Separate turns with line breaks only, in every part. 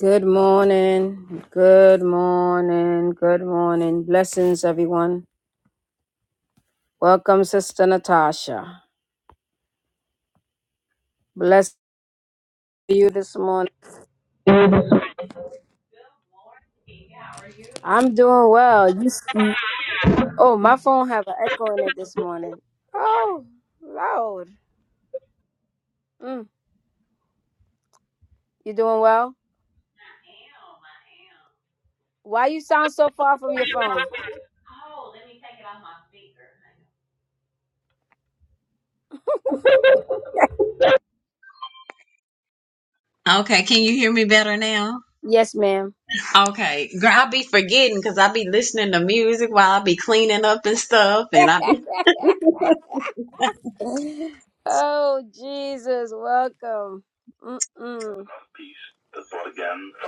Good morning. Good morning. Good morning. Blessings, everyone. Welcome, Sister Natasha. Bless you this morning. I'm doing well. You s- oh, my phone have an echo in it this morning. Oh, Lord. Mm, you doing well? Why you sound so far from your phone?
Okay, can you hear me better now?
Yes, ma'am.
Okay, girl, I be forgetting because I be listening to music while I be cleaning up and stuff, and I. Be-
oh, Jesus. Welcome. Mm-mm.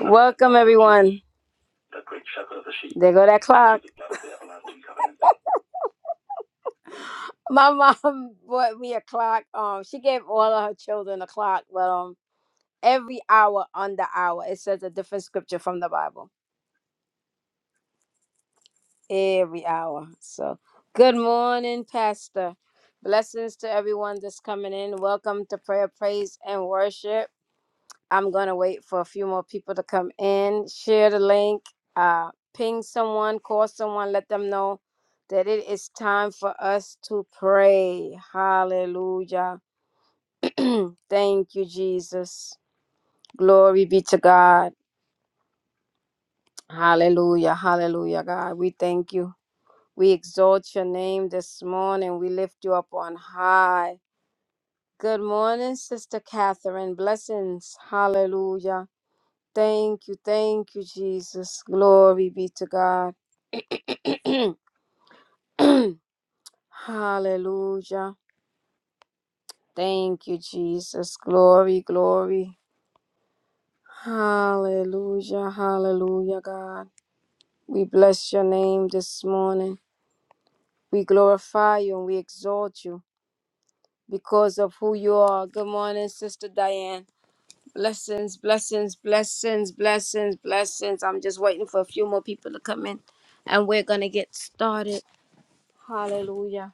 Welcome, everyone. the great shepherd of the sheep. There go that clock. My mom bought me a clock. Um, she gave all of her children a clock, but um, every hour on the hour it says a different scripture from the Bible. Every hour. So, good morning, Pastor. Blessings to everyone that's coming in. Welcome to prayer, praise, and worship. I'm gonna wait for a few more people to come in. Share the link, uh, ping someone, call someone, let them know that it is time for us to pray. Hallelujah. Thank you, Jesus. Glory be to God. Hallelujah. Hallelujah, God. We thank you. We exalt your name this morning. We lift you up on high. Good morning, Sister Catherine. Blessings. Hallelujah. Thank you, thank you, Jesus. Glory be to God. Hallelujah. Thank you, Jesus. Glory, glory. Hallelujah, hallelujah, God. We bless your name this morning. We glorify you and we exalt you because of who you are. Good morning, Sister Diane. Blessings, blessings, blessings, blessings, blessings. I'm just waiting for a few more people to come in and we're going to get started. Hallelujah.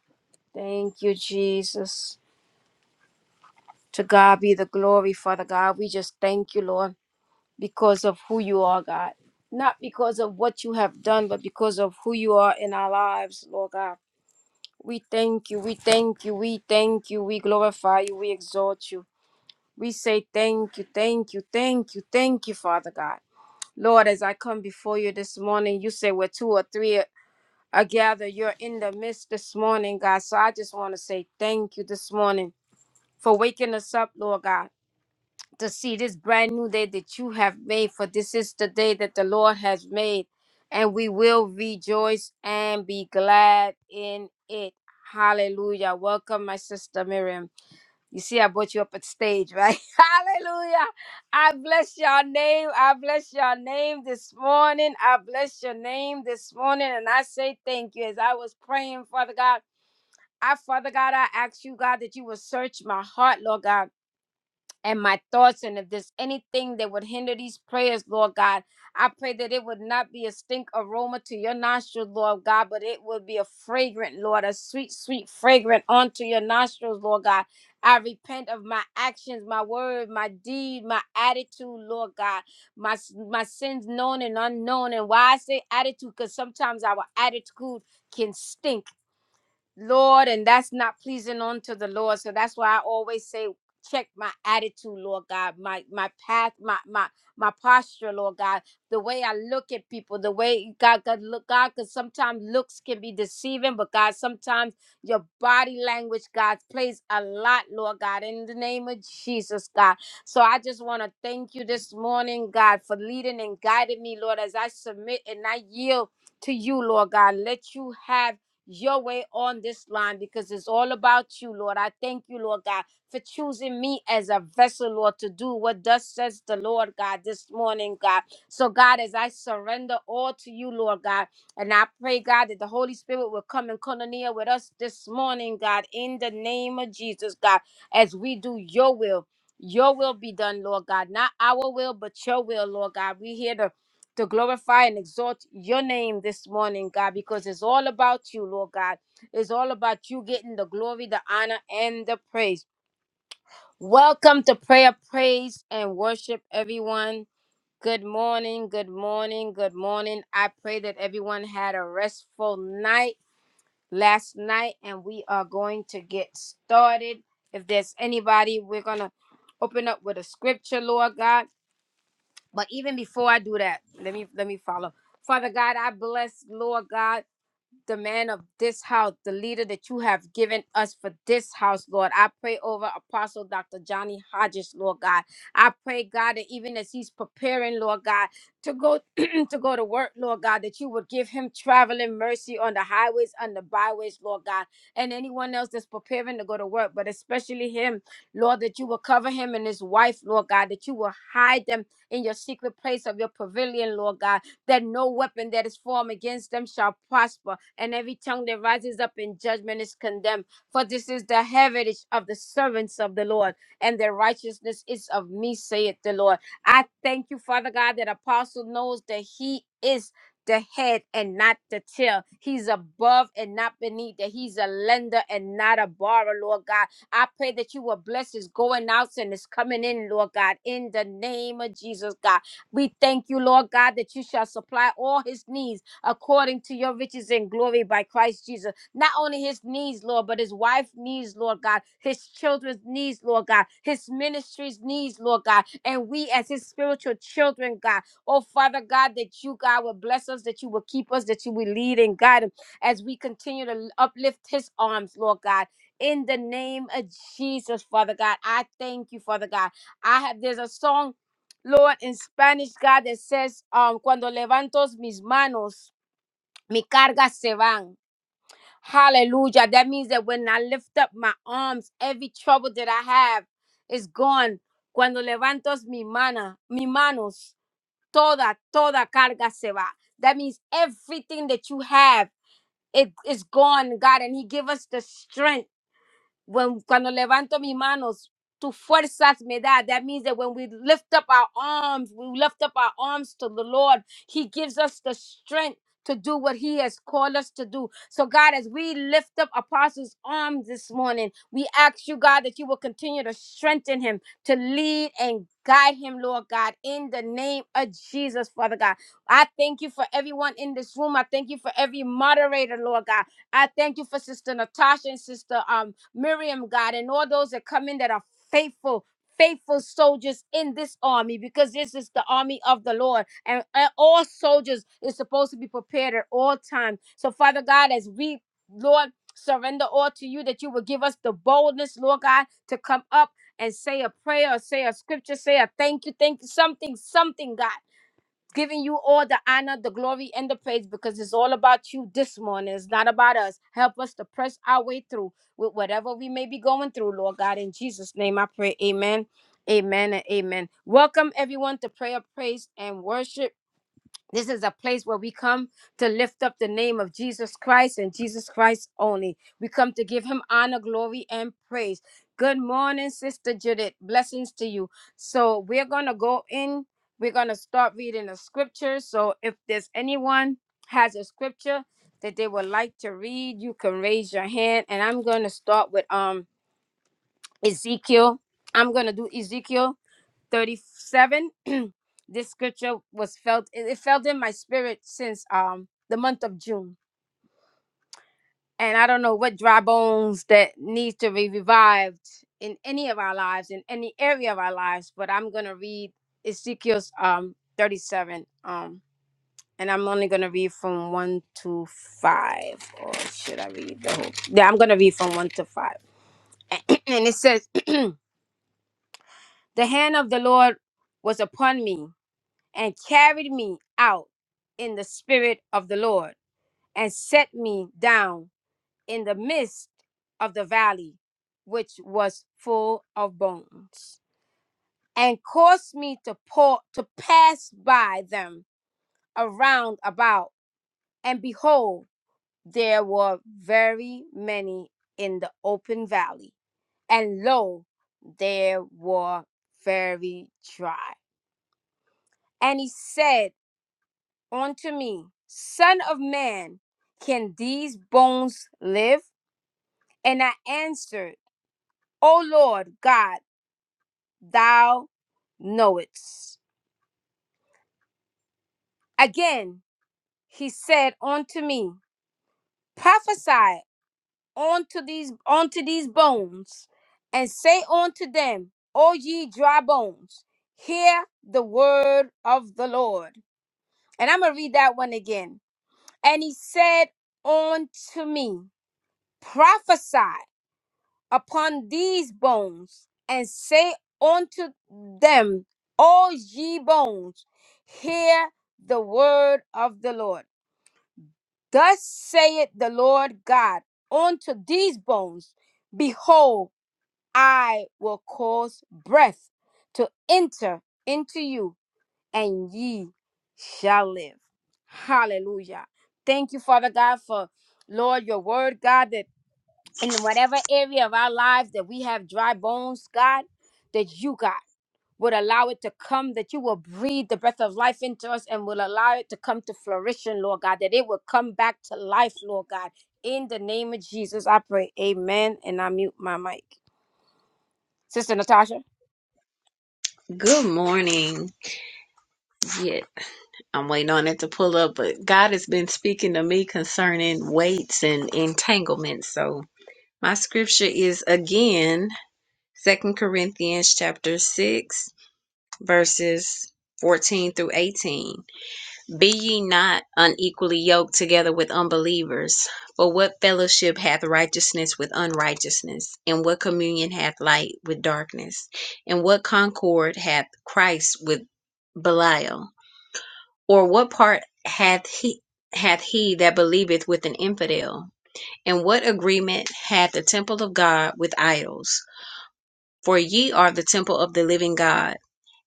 Thank you, Jesus. To God be the glory, Father God. We just thank you, Lord, because of who you are, God. Not because of what you have done, but because of who you are in our lives, Lord God. We thank you. We thank you. We thank you. We glorify you. We exalt you. We say thank you. Thank you. Thank you. Thank you, Father God. Lord, as I come before you this morning, you say we two or three. I gather you're in the midst this morning, God. So I just want to say thank you this morning for waking us up, Lord God to see this brand new day that you have made, for this is the day that the Lord has made, and we will rejoice and be glad in it. Hallelujah. Welcome, my sister Miriam. You see, I brought you up at stage, right? Hallelujah. I bless your name. I bless your name this morning. I bless your name this morning. And I say thank you as I was praying, Father God. I, Father God, I ask you, God, that you will search my heart, Lord God and my thoughts. And if there's anything that would hinder these prayers, Lord God, I pray that it would not be a stink aroma to your nostrils, Lord God, but it would be a fragrant, Lord, a sweet, sweet fragrant onto your nostrils, Lord God. I repent of my actions, my word, my deed, my attitude, Lord God, my s- my sins known and unknown. And why I say attitude, because sometimes our attitude can stink. Lord, and that's not pleasing unto the Lord. So that's why I always say, check my attitude, Lord God, my my path, my my my posture, Lord God, the way I look at people, the way God God look God, because sometimes looks can be deceiving, but God, sometimes your body language, God, plays a lot, Lord God, in the name of Jesus, God. So I just want to thank you this morning, God, for leading and guiding me, Lord, as I submit and I yield to you, Lord God. Let you have your way on this line because it's all about you, Lord. I thank you, Lord God, for choosing me as a vessel, Lord, to do what thus says the Lord God this morning, God. So, God, as I surrender all to you, Lord God, and I pray, God, that the Holy Spirit will come and koinonia with us this morning, God, in the name of Jesus, God, as we do your will. Your will be done, Lord God. Not our will, but your will, Lord God. We hear the to glorify and exalt your name this morning, God, because it's all about you, Lord God. It's all about you getting the glory, the honor, and the praise. Welcome to prayer, praise, and worship, everyone. Good morning, good morning, good morning. I pray that everyone had a restful night last night, and we are going to get started. If there's anybody, we're going to open up with a scripture, Lord God. But even before I do that, let me let me follow. Father God, I bless Lord God the man of this house, the leader that you have given us for this house, Lord. I pray over Apostle Dr. Johnny Hodges, Lord God. I pray, God, that even as he's preparing, Lord God, to go to go to work, Lord God, that you would give him traveling mercy on the highways and the byways, Lord God, and anyone else that's preparing to go to work, but especially him, Lord, that you will cover him and his wife, Lord God, that you will hide them in your secret place of your pavilion, Lord God that no weapon that is formed against them shall prosper, and every tongue that rises up in judgment is condemned. For this is the heritage of the servants of the Lord, and their righteousness is of me, saith the Lord. I thank you, Father God, that Apostle knows that he is. The head and not the tail. He's above and not beneath. That he's a lender and not a borrower, Lord God. I pray that you will bless his going outs and his coming in, Lord God, in the name of Jesus, God. We thank you, Lord God, that you shall supply all his needs according to your riches and glory by Christ Jesus. Not only his needs, Lord, but his wife's needs, Lord God, his children's needs, Lord God, his ministry's needs, Lord God, and we as his spiritual children, God. Oh, Father God, that you, God, will bless us, that you will keep us, that you will lead and guide him as we continue to uplift his arms, Lord God. In the name of Jesus, Father God, I thank you, Father God. I have there's a song Lord, in Spanish, God, it says, um, cuando levanto mis manos, mi cargas se van. Hallelujah. That means that when I lift up my arms, every trouble that I have is gone. Cuando levanto mi mana, mi manos, toda, toda carga se va. That means everything that you have, it is gone, God, and He give us the strength when cuando levanto mis manos, tu fuerzas me da. That means that when we lift up our arms, we lift up our arms to the Lord. He gives us the strength to do what He has called us to do. So, God, as we lift up Apostle's arms this morning, we ask you, God, that you will continue to strengthen him, to lead and guide him, Lord God, in the name of Jesus, Father God. I thank you for everyone in this room. I thank you for every moderator, Lord God. I thank you for Sister Natasha and Sister um, Miriam, God, and all those that come in that are faithful. Faithful soldiers in this army because this is the army of the Lord, and, and all soldiers is supposed to be prepared at all times. So, Father God, as we, Lord, surrender all to you, that you will give us the boldness, Lord God, to come up and say a prayer, or say a scripture, say a thank you, thank you, something, something, God giving you all the honor, the glory, and the praise because it's all about you this morning. It's not about us. Help us to press our way through with whatever we may be going through, Lord God. In Jesus' name I pray. Amen. Amen and amen. Welcome everyone to prayer, praise, and worship. This is a place where we come to lift up the name of Jesus Christ and Jesus Christ only. We come to give him honor, glory, and praise. Good morning, Sister Judith. Blessings to you. So we're going to go in. We're going to start reading the scriptures. So if there's anyone has a scripture that they would like to read, you can raise your hand. And I'm going to start with um Ezekiel. I'm going to do Ezekiel 37 this scripture was felt it it felt in my spirit since um the month of june and i don't know what dry bones that needs to be revived in any of our lives in any area of our lives but i'm gonna read ezekiel's um 37 um and i'm only gonna read from 1 to 5 or should i read the whole yeah i'm gonna read from 1 to 5 and it says the hand of the lord was upon me and carried me out in the spirit of the Lord and set me down in the midst of the valley, which was full of bones, and caused me to pour, to pass by them around about. And behold, there were very many in the open valley, and lo, there were very dry. And he said, unto me, Son of man, can these bones live? And I answered, O Lord God, thou knowest. Again he said unto me, Prophesy unto these unto these bones, and say unto them, O ye dry bones, hear the word of the Lord. And I'm gonna read that one again. And he said unto me, Prophesy upon these bones, and say unto them, O ye bones, hear the word of the Lord. Thus saith the Lord God unto these bones, Behold, I will cause breath to enter into you, and ye shall live. Hallelujah. Thank you, Father God, for Lord, your word, God, that in whatever area of our lives that we have dry bones, God, that you, God, would allow it to come, that you will breathe the breath of life into us and will allow it to come to flourishing, Lord God, that it will come back to life, Lord God. In the name of Jesus, I pray. Amen. And I mute my mic. Sister Natasha,
Good morning. Yeah, I'm waiting on it to pull up, but God has been speaking to me concerning weights and entanglements. So my scripture is again Second Corinthians chapter six verses fourteen through eighteen. Be ye not unequally yoked together with unbelievers. For what fellowship hath righteousness with unrighteousness? And what communion hath light with darkness? And what concord hath Christ with Belial? Or what part hath he hath he that believeth with an infidel? And what agreement hath the temple of God with idols? For ye are the temple of the living God.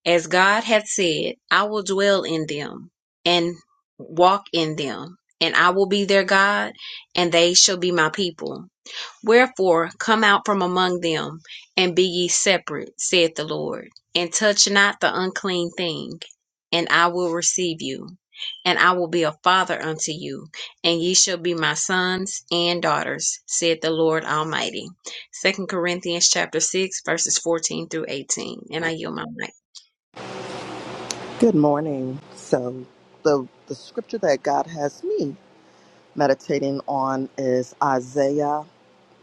As God hath said, I will dwell in them and walk in them, and I will be their God, and they shall be my people. Wherefore, come out from among them, and be ye separate, saith the Lord, and touch not the unclean thing, and I will receive you, and I will be a father unto you, and ye shall be my sons and daughters, saith the Lord Almighty. Second Corinthians chapter 6, verses 14 through 18. And I yield my mic.
Good morning. So the the scripture that God has me meditating on is Isaiah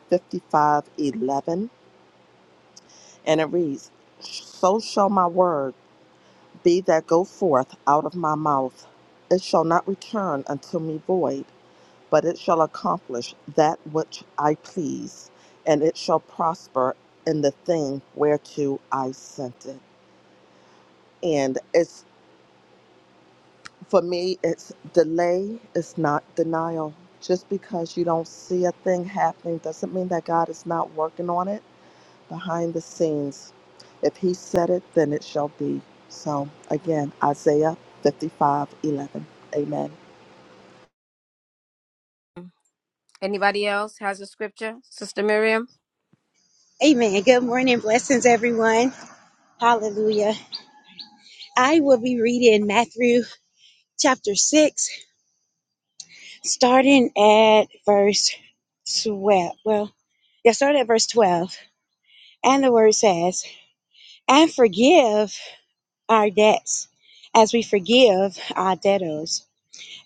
55:11 and it reads, "So shall my word be that go forth out of my mouth; it shall not return unto me void, but it shall accomplish that which I please, and it shall prosper in the thing whereto I sent it." And it's For me, it's delay, it's not denial. Just because you don't see a thing happening doesn't mean that God is not working on it behind the scenes. If He said it, then it shall be. So, again, Isaiah 55:11. Amen.
anybody else has a scripture? Sister Miriam?
Amen. Good morning. Blessings, everyone. Hallelujah. I will be reading Matthew chapter 6, starting at verse 12. Well, yeah, start at verse 12. And the word says, And forgive our debts as we forgive our debtors.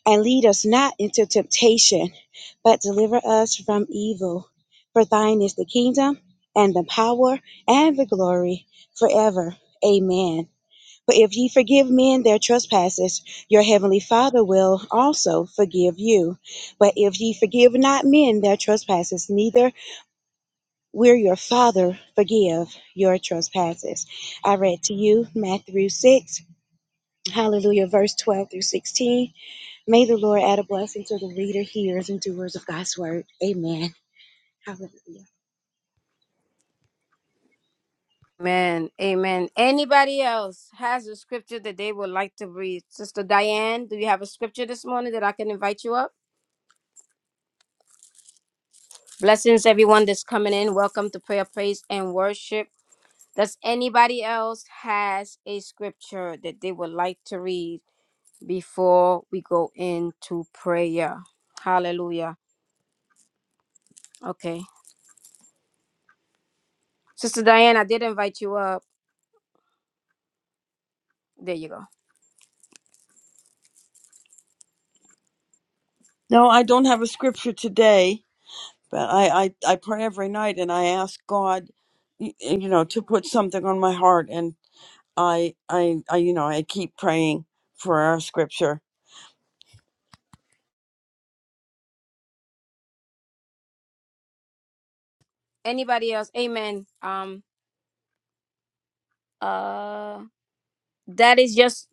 And lead us not into temptation, but deliver us from evil. For thine is the kingdom, and the power, and the glory forever. Amen. For if ye forgive men their trespasses, your heavenly Father will also forgive you. But if ye forgive not men their trespasses, neither will your Father forgive your trespasses. I read to you Matthew 6, hallelujah, verse 12 through 16. May the Lord add a blessing to the reader, hearers, and doers of God's word. Amen. Hallelujah.
Amen. Amen. Anybody else has a scripture that they would like to read? Sister Diane, do you have a scripture this morning that I can invite you up? Blessings, everyone that's coming in. Welcome to prayer, praise, and worship. Does anybody else has a scripture that they would like to read before we go into prayer? Hallelujah. Okay, Sister Diane, I did invite you up. There you go.
No, I don't have a scripture today, but I, I, I pray every night and I ask God, y- you know, to put something on my heart. And I, I, I you know, I keep praying for our scripture.
Anybody else? Amen. Um. Uh. That is just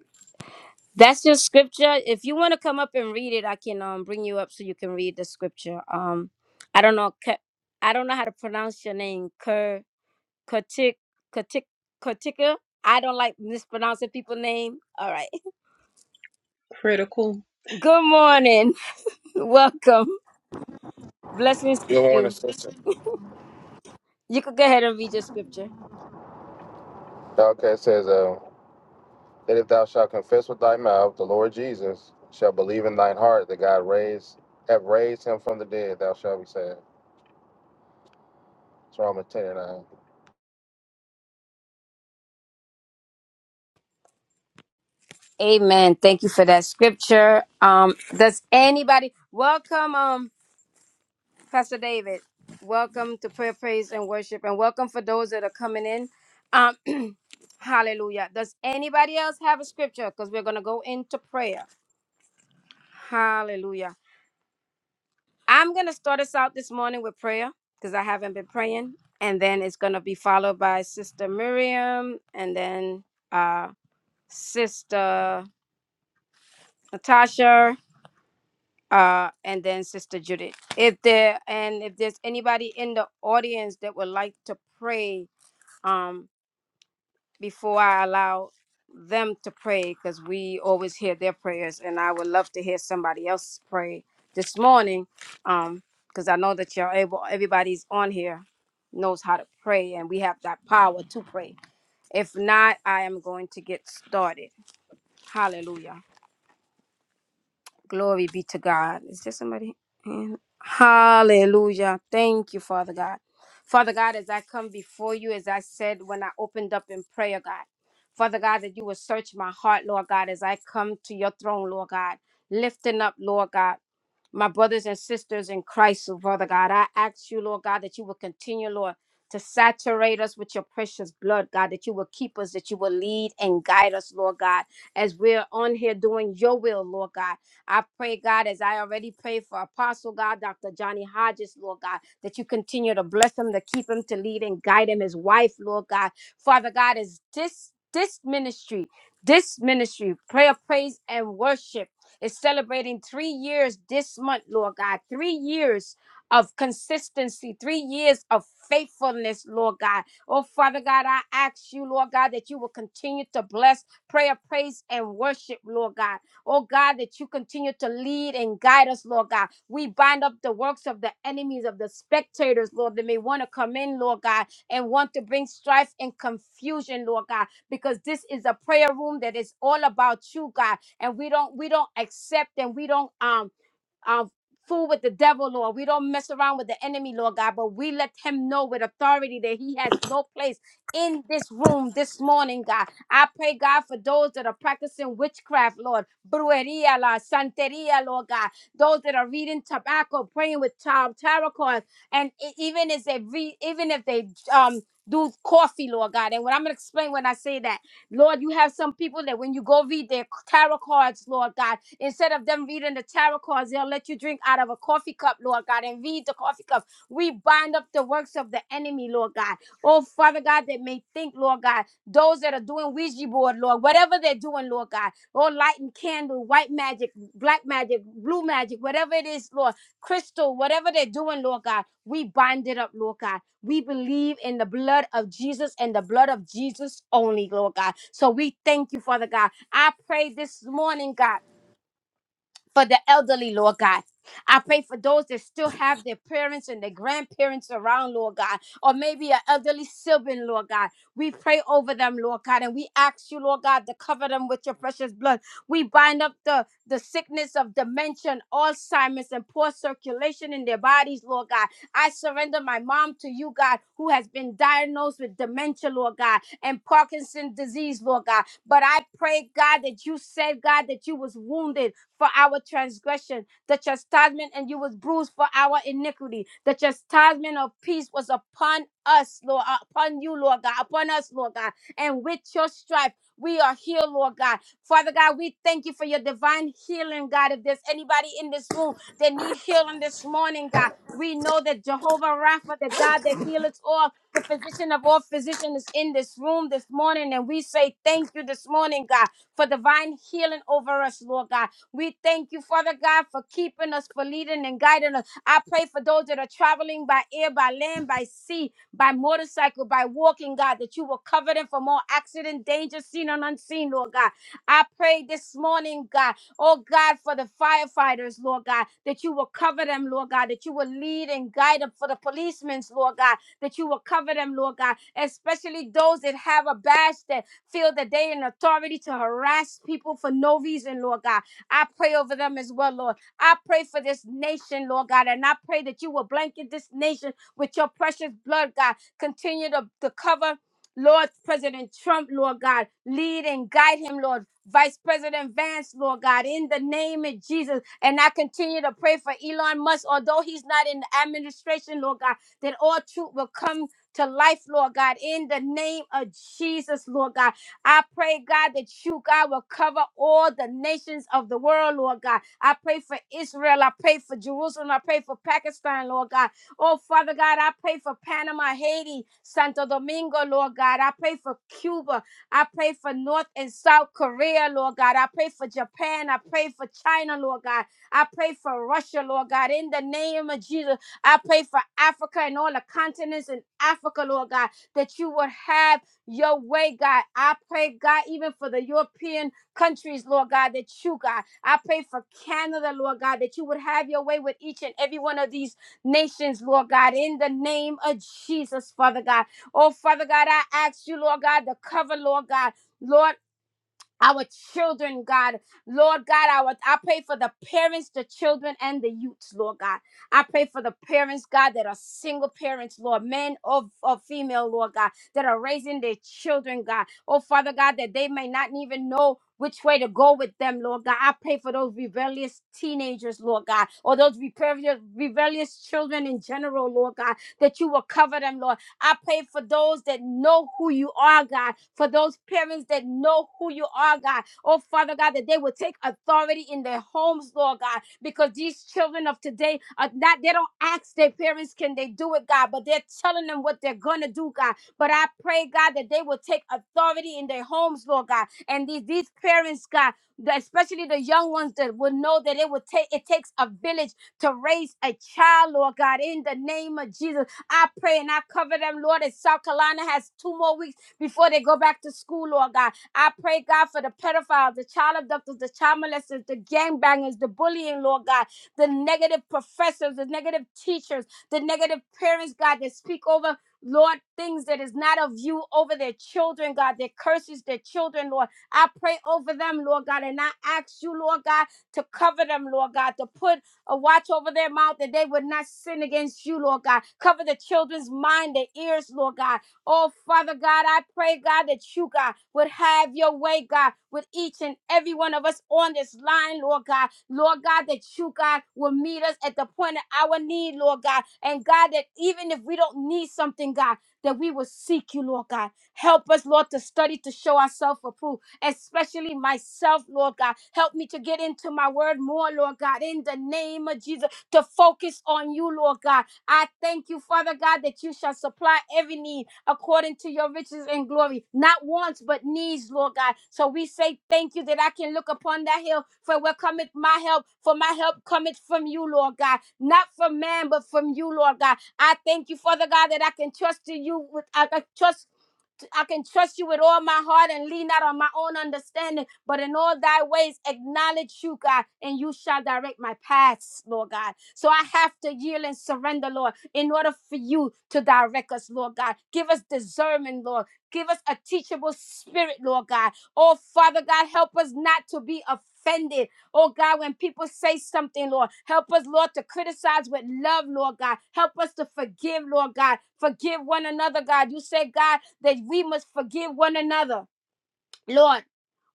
that's just scripture. If you want to come up and read it, I can um bring you up so you can read the scripture. Um. I don't know. Ke- I don't know how to pronounce your name. Kerr. Katik Katik Katika. I don't like mispronouncing people's name. All right.
critical.
Good morning. Welcome. Blessings to
Good morning,
you.
sister.
You could go ahead and read your scripture.
Okay, it says, uh, that if thou shalt confess with thy mouth the Lord Jesus, shall believe in thine heart that God raised have raised him from the dead, thou shalt be saved. It's Romans 10 and 9.
Amen. Thank you for that scripture. Um, does anybody welcome um Pastor David? Welcome to prayer, praise, and worship, and welcome for those that are coming in. Um, hallelujah. Does anybody else have a scripture? Because we're gonna go into prayer. Hallelujah. I'm going to start us out this morning with prayer because I haven't been praying. And then it's going to be followed by Sister Miriam and then uh, Sister Natasha uh, and then Sister Judith. If there and if there's anybody in the audience that would like to pray, um, before I allow them to pray because we always hear their prayers and I would love to hear somebody else pray this morning um because I know that you're able everybody's on here knows how to pray and we have that power to pray if not I am going to get started hallelujah Glory be to God. Is there somebody? in? Hallelujah. Thank you, Father God. Father God, as I come before you, as I said when I opened up in prayer, God, Father God, that you will search my heart, Lord God, as I come to your throne, Lord God, lifting up, Lord God. My brothers and sisters in Christ, oh, Father God, I ask you, Lord God, that you will continue, Lord, to saturate us with your precious blood, God, that you will keep us, that you will lead and guide us, Lord God, as we're on here doing your will, Lord God. I pray, God, as I already prayed for Apostle God, Dr. Johnny Hodges, Lord God, that you continue to bless him, to keep him, to lead and guide him, his wife, Lord God. Father God, is this this ministry, this ministry, prayer, praise, and worship is celebrating three years this month, Lord God. Three years of consistency, three years of faithfulness, Lord God. Oh, Father God, I ask you, Lord God, that you will continue to bless prayer, praise, and worship, Lord God. Oh God, that you continue to lead and guide us, Lord God. We bind up the works of the enemies, of the spectators, Lord, that may want to come in, Lord God, and want to bring strife and confusion, Lord God, because this is a prayer room that is all about you, God. And we don't we don't accept and we don't um um, fool with the devil, Lord. We don't mess around with the enemy, Lord God, but we let him know with authority that he has no place in this room this morning, God. I pray, God, for those that are practicing witchcraft, Lord, brujeria, la santeria, Lord God, those that are reading tobacco, praying with um, tarot cards, and e- even if they read, even if they um do coffee, Lord God. And what I'm gonna explain when I say that, Lord, you have some people that when you go read their tarot cards, Lord God, Instead of them reading the tarot cards, they'll let you drink out of a coffee cup, Lord God, and read the coffee cup. We bind up the works of the enemy, Lord God. Oh, Father God, that may think, Lord God, those that are doing Ouija board, Lord, whatever they're doing, Lord God, or lighting candle, white magic, black magic, blue magic, whatever it is, Lord, crystal, whatever they're doing, Lord God, we bind it up, Lord God. We believe in the blood of Jesus and the blood of Jesus only, Lord God. So we thank you, Father God. I pray this morning, God for the elderly, Lord God. I pray for those that still have their parents and their grandparents around, Lord God, or maybe an elderly sibling, Lord God. We pray over them, Lord God, and we ask you, Lord God, to cover them with your precious blood. We bind up the, the sickness of dementia, Alzheimer's, and poor circulation in their bodies, Lord God. I surrender my mom to you, God, who has been diagnosed with dementia, Lord God, and Parkinson's disease, Lord God. But I pray, God, that you said, God, that you was wounded for our transgression, the chastisement, and you was bruised for our iniquity. The chastisement of peace was upon us, Lord, uh, upon you, Lord God, upon us, Lord God. And with your stripe, we are healed, Lord God. Father God, we thank you for your divine healing, God. If there's anybody in this room that need healing this morning, God, we know that Jehovah Rapha, the God that healeth all, the physician of all physicians is in this room this morning, and we say thank you this morning, God, for divine healing over us, Lord God. We thank you, Father God, for keeping us, for leading and guiding us. I pray for those that are traveling by air, by land, by sea, by motorcycle, by walking, God, that you will cover them from all accident, danger, seen and unseen, Lord God. I pray this morning, God, oh God, for the firefighters, Lord God, that you will cover them, Lord God, that you will lead and guide them for the policemen, Lord God, that you will cover them, Lord God, especially those that have a badge that feel that they in authority to harass people for no reason, Lord God. I pray over them as well, Lord. I pray for this nation, Lord God, and I pray that you will blanket this nation with your precious blood, God. Continue to, to cover. Lord President Trump, Lord God, lead and guide him, Lord. Vice President Vance, Lord God, in the name of Jesus. And I continue to pray for Elon Musk, although he's not in the administration, Lord God that all truth will come to life, Lord God, in the name of Jesus, Lord God. I pray, God, that you, God, will cover all the nations of the world, Lord God. I pray for Israel. I pray for Jerusalem. I pray for Pakistan, Lord God. Oh, Father God, I pray for Panama, Haiti, Santo Domingo, Lord God. I pray for Cuba. I pray for North and South Korea, Lord God. I pray for Japan. I pray for China, Lord God. I pray for Russia, Lord God, in the name of Jesus. I pray for Africa and all the continents in Africa, Lord God, that you would have your way, God. I pray, God, even for the European countries, Lord God, that you, God, I pray for Canada, Lord God, that you would have your way with each and every one of these nations, Lord God, in the name of Jesus, Father God. Oh, Father God, I ask you, Lord God, to cover, Lord God. Lord, our children, God. Lord God, I, would- I pray for the parents, the children, and the youths, Lord God. I pray for the parents, God, that are single parents, Lord, men or, or female, Lord God, that are raising their children, God. Oh, Father God, that they may not even know which way to go with them, Lord God. I pray for those rebellious teenagers, Lord God, or those rebellious, rebellious children in general, Lord God, that you will cover them, Lord. I pray for those that know who you are, God, for those parents that know who you are, God. Oh, Father God, that they will take authority in their homes, Lord God, because these children of today are not, they don't ask their parents, can they do it, God, but they're telling them what they're going to do, God. But I pray, God, that they will take authority in their homes, Lord God. And these, these parents, God, the- especially the young ones that will know that it will take it takes a village to raise a child, Lord God, in the name of Jesus. I pray and I cover them, Lord, as South Carolina has two more weeks before they go back to school, Lord God. I pray, God, for the pedophiles, the child abductors, the child molesters, the gangbangers, the bullying, Lord God, the negative professors, the negative teachers, the negative parents, God, that speak over. Lord, things that is not of you over their children, God, that curses their children, Lord. I pray over them, Lord God, and I ask you, Lord God, to cover them, Lord God, to put a watch over their mouth that they would not sin against you, Lord God. Cover the children's mind, their ears, Lord God. Oh, Father God, I pray, God, that you, God, would have your way, God, with each and every one of us on this line, Lord God. Lord God, that you, God, will meet us at the point of our need, Lord God. And God, that even if we don't need something, God, that we will seek you, Lord God. Help us, Lord, to study to show ourselves approved, especially myself, Lord God. Help me to get into my word more, Lord God, in the name of Jesus, to focus on you, Lord God I thank you, Father God, that you shall supply every need according to your riches and glory. Not wants, but needs, Lord God. So we say thank you that I can look upon that hill for where cometh my help, for my help cometh from you, Lord God. Not from man, but from you, Lord God. I thank you, Father God, that I can trust in you with I can trust I can trust you with all my heart and lean not on my own understanding. But in all thy ways, acknowledge you, God, and you shall direct my paths, Lord God. So I have to yield and surrender, Lord, in order for you to direct us, Lord God. Give us discernment, Lord. Give us a teachable spirit, Lord God. Oh, Father God, help us not to be offended. Oh, God, when people say something, Lord, help us, Lord, to criticize with love, Lord God. Help us to forgive, Lord God. Forgive one another, God. You said, God, that we must forgive one another, Lord.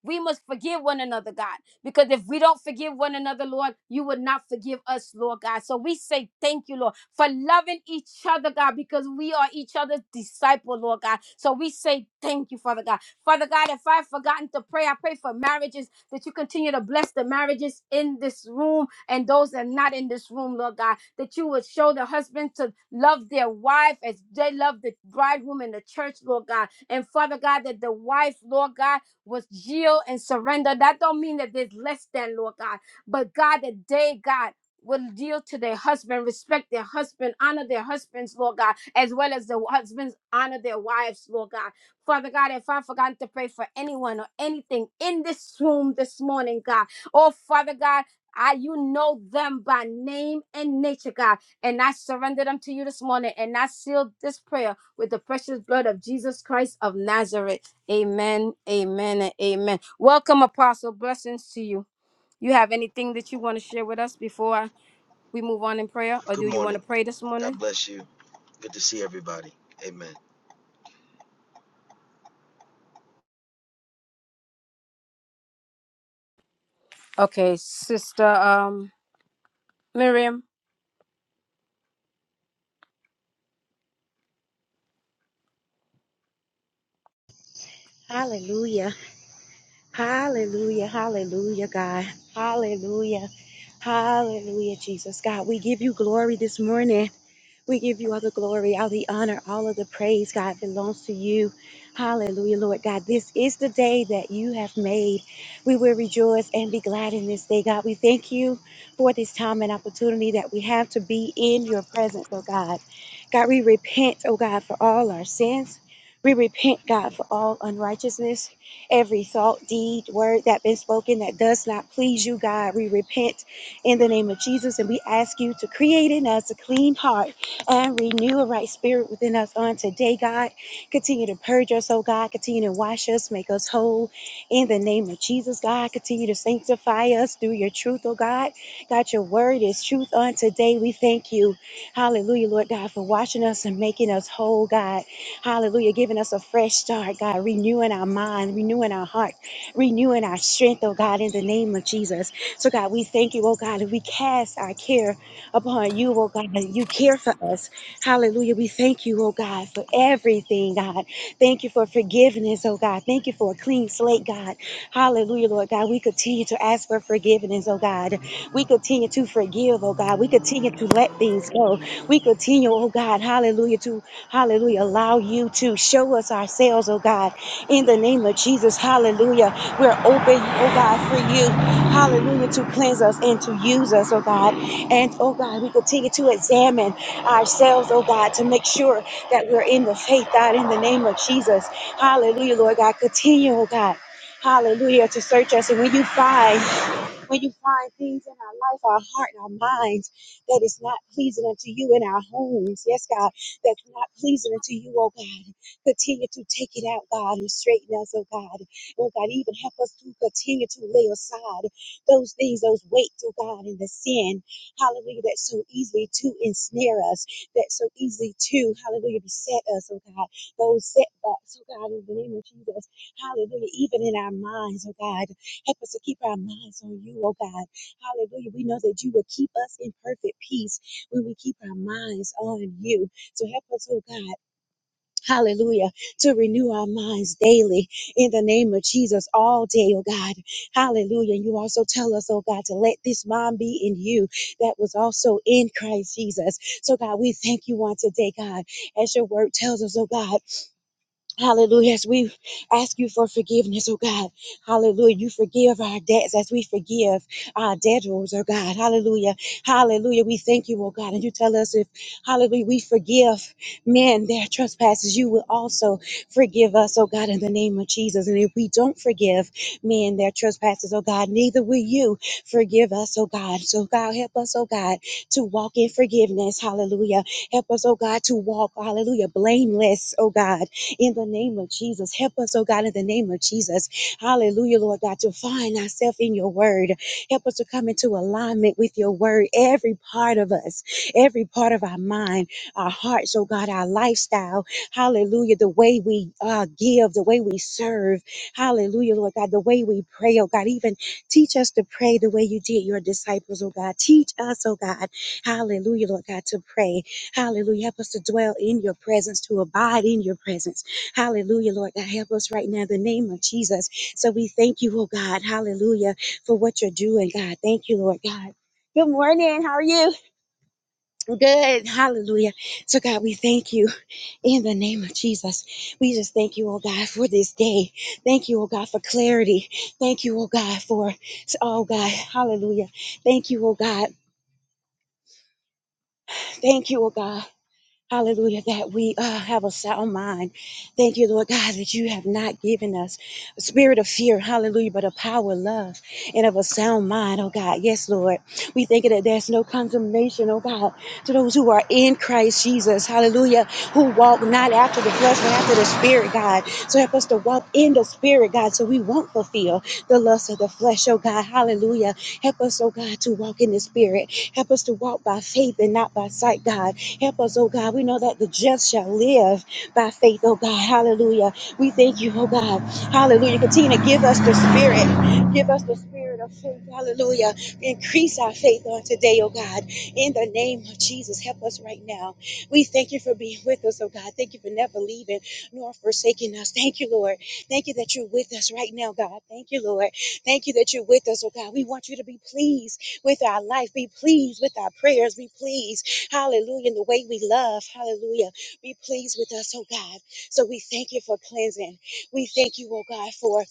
We must forgive one another, God, because if we don't forgive one another, Lord, you would not forgive us, Lord God. So we say thank you, Lord, for loving each other, God, because we are each other's disciple, Lord God. So we say thank you, Father God. Father God, if I've forgotten to pray, I pray for marriages that you continue to bless the marriages in this room and those that are not in this room, Lord God, that you would show the husband to love their wife as they love the bridegroom in the church, Lord God. And Father God, that the wife, Lord God, was yield and surrender. That don't mean that there's less than, Lord God. But God, that they, God, will yield to their husband, respect their husband, honor their husbands, Lord God, as well as the husbands honor their wives, Lord God. Father God, if I've forgotten to pray for anyone or anything in this room this morning, God, oh Father God, I you know them by name and nature, God, and I surrender them to you this morning, and I seal this prayer with the precious blood of Jesus Christ of Nazareth. Amen, amen, and amen. Welcome, Apostle. Blessings to you. You have anything that you want to share with us before I- we move on in prayer, or do
Good
you want to
morning.
pray this morning?
God bless you. Good to see everybody. Amen.
Okay, Sister um, Miriam.
Hallelujah. Hallelujah, hallelujah, God. Hallelujah, hallelujah, Jesus. God, we give you glory this morning. We give you all the glory, all the honor, all of the praise, God, belongs to you. Hallelujah, Lord God. This is the day that you have made. We will rejoice and be glad in this day, God. We thank you for this time and opportunity that we have to be in your presence, oh God. God, we repent, oh God, for all our sins. We repent, God, for all unrighteousness, every thought, deed, word that been spoken that does not please you, God. We repent in the name of Jesus and we ask you to create in us a clean heart and renew a right spirit within us on today, God. Continue to purge us, oh God. Continue to wash us, make us whole in the name of Jesus, God. Continue to sanctify us through your truth, oh God. God, your word is truth on today. We thank you. Hallelujah, Lord God, for washing us and making us whole, God. Hallelujah, giving us a fresh start, God. Renewing our mind, renewing our heart, renewing our strength, oh God, in the name of Jesus. So, God, we thank you, oh God, and we cast our care upon you, oh God. that You care for us. Hallelujah. We thank you, oh God, for everything, God. Thank you for forgiveness, oh God. Thank you for a clean slate, God. Hallelujah, Lord God. We continue to ask for forgiveness, oh God. We continue to forgive, oh God. We continue to let things go. We continue, oh God, hallelujah, to hallelujah, allow you to show us ourselves, oh God, in the name of Jesus. Hallelujah. We're open, oh God, for you. Hallelujah, to cleanse us and to use us, oh God. And oh God, we continue to examine ourselves, oh God, to make sure that we're in the faith, God, in the name of Jesus. Hallelujah, Lord God. Continue, oh God. Hallelujah, to search us. And when you find when you find things in our life, our heart, and our minds that is not pleasing unto you in our homes, yes, God, that's not pleasing unto you, oh God. Continue to take it out, God, and straighten us, oh God. Oh God, even help us to continue to lay aside those things, those weights, oh God, and the sin, hallelujah, that so easily to ensnare us, that so easily to, hallelujah, beset us, oh God. Those setbacks, oh God, in the name of Jesus, hallelujah, even in our minds, oh God. Help us to keep our minds on you, oh God. Hallelujah. We know that you will keep us in perfect peace when we keep our minds on you. So help us, oh God. Hallelujah. To renew our minds daily in the name of Jesus all day, oh God. Hallelujah. You also tell us, oh God, to let this mind be in you that was also in Christ Jesus. So, God, we thank you on today, God, as your word tells us, oh God. Hallelujah. As we ask you for forgiveness, oh God. Hallelujah. You forgive our debts as we forgive our debtors, oh God. Hallelujah. Hallelujah. We thank you, oh God. And you tell us if, hallelujah, we forgive men their trespasses, you will also forgive us, oh God, in the name of Jesus. And if we don't forgive men their trespasses, oh God, neither will you forgive us, oh God. So, God, help us, oh God, to walk in forgiveness. Hallelujah. Help us, oh God, to walk, hallelujah, blameless, oh God in the name of Jesus. Help us, oh God, in the name of Jesus. Hallelujah, Lord God, to find ourselves in your word. Help us to come into alignment with your word, every part of us, every part of our mind, our hearts, oh God, our lifestyle. Hallelujah, the way we uh, give, the way we serve. Hallelujah, Lord God, the way we pray, oh God, even teach us to pray the way you did your disciples, oh God. Teach us, oh God, hallelujah, Lord God, to pray. Hallelujah, help us to dwell in your presence, to abide in your presence. Hallelujah, Lord God. Help us right now in the name of Jesus. So we thank you, oh God. Hallelujah for what you're doing, God. Thank you, Lord God. Good morning. How are you? Good. Hallelujah. So, God, we thank you in the name of Jesus. We just thank you, oh God, for this day. Thank you, oh God, for clarity. Thank you, oh God, for, oh God, hallelujah. Thank you, oh God. Thank you, oh God. Hallelujah, that we uh, have a sound mind. Thank you, Lord God, that you have not given us a spirit of fear, hallelujah, but of power, love, and of a sound mind, oh God. Yes, Lord. We thank you that there's no condemnation, oh God, to those who are in Christ Jesus, hallelujah, who walk not after the flesh, but after the spirit, God. So help us to walk in the spirit, God, so we won't fulfill the lust of the flesh, oh God, hallelujah. Help us, oh God, to walk in the spirit. Help us to walk by faith and not by sight, God. Help us, oh God. We know that the just shall live by faith, oh God. Hallelujah. We thank you, oh God. Hallelujah. Continue to give us the spirit. Give us the spirit of faith. Hallelujah. Increase our faith on today, oh God. In the name of Jesus, help us right now. We thank you for being with us, oh God. Thank you for never leaving nor forsaking us. Thank you, Lord. Thank you that you're with us right now, God. Thank you, Lord. Thank you that you're with us, oh God. We want you to be pleased with our life. Be pleased with our prayers. Be pleased Hallelujah. And the way we love. Hallelujah. Be pleased with us, oh God. So we thank you for cleansing. We thank you, oh God, for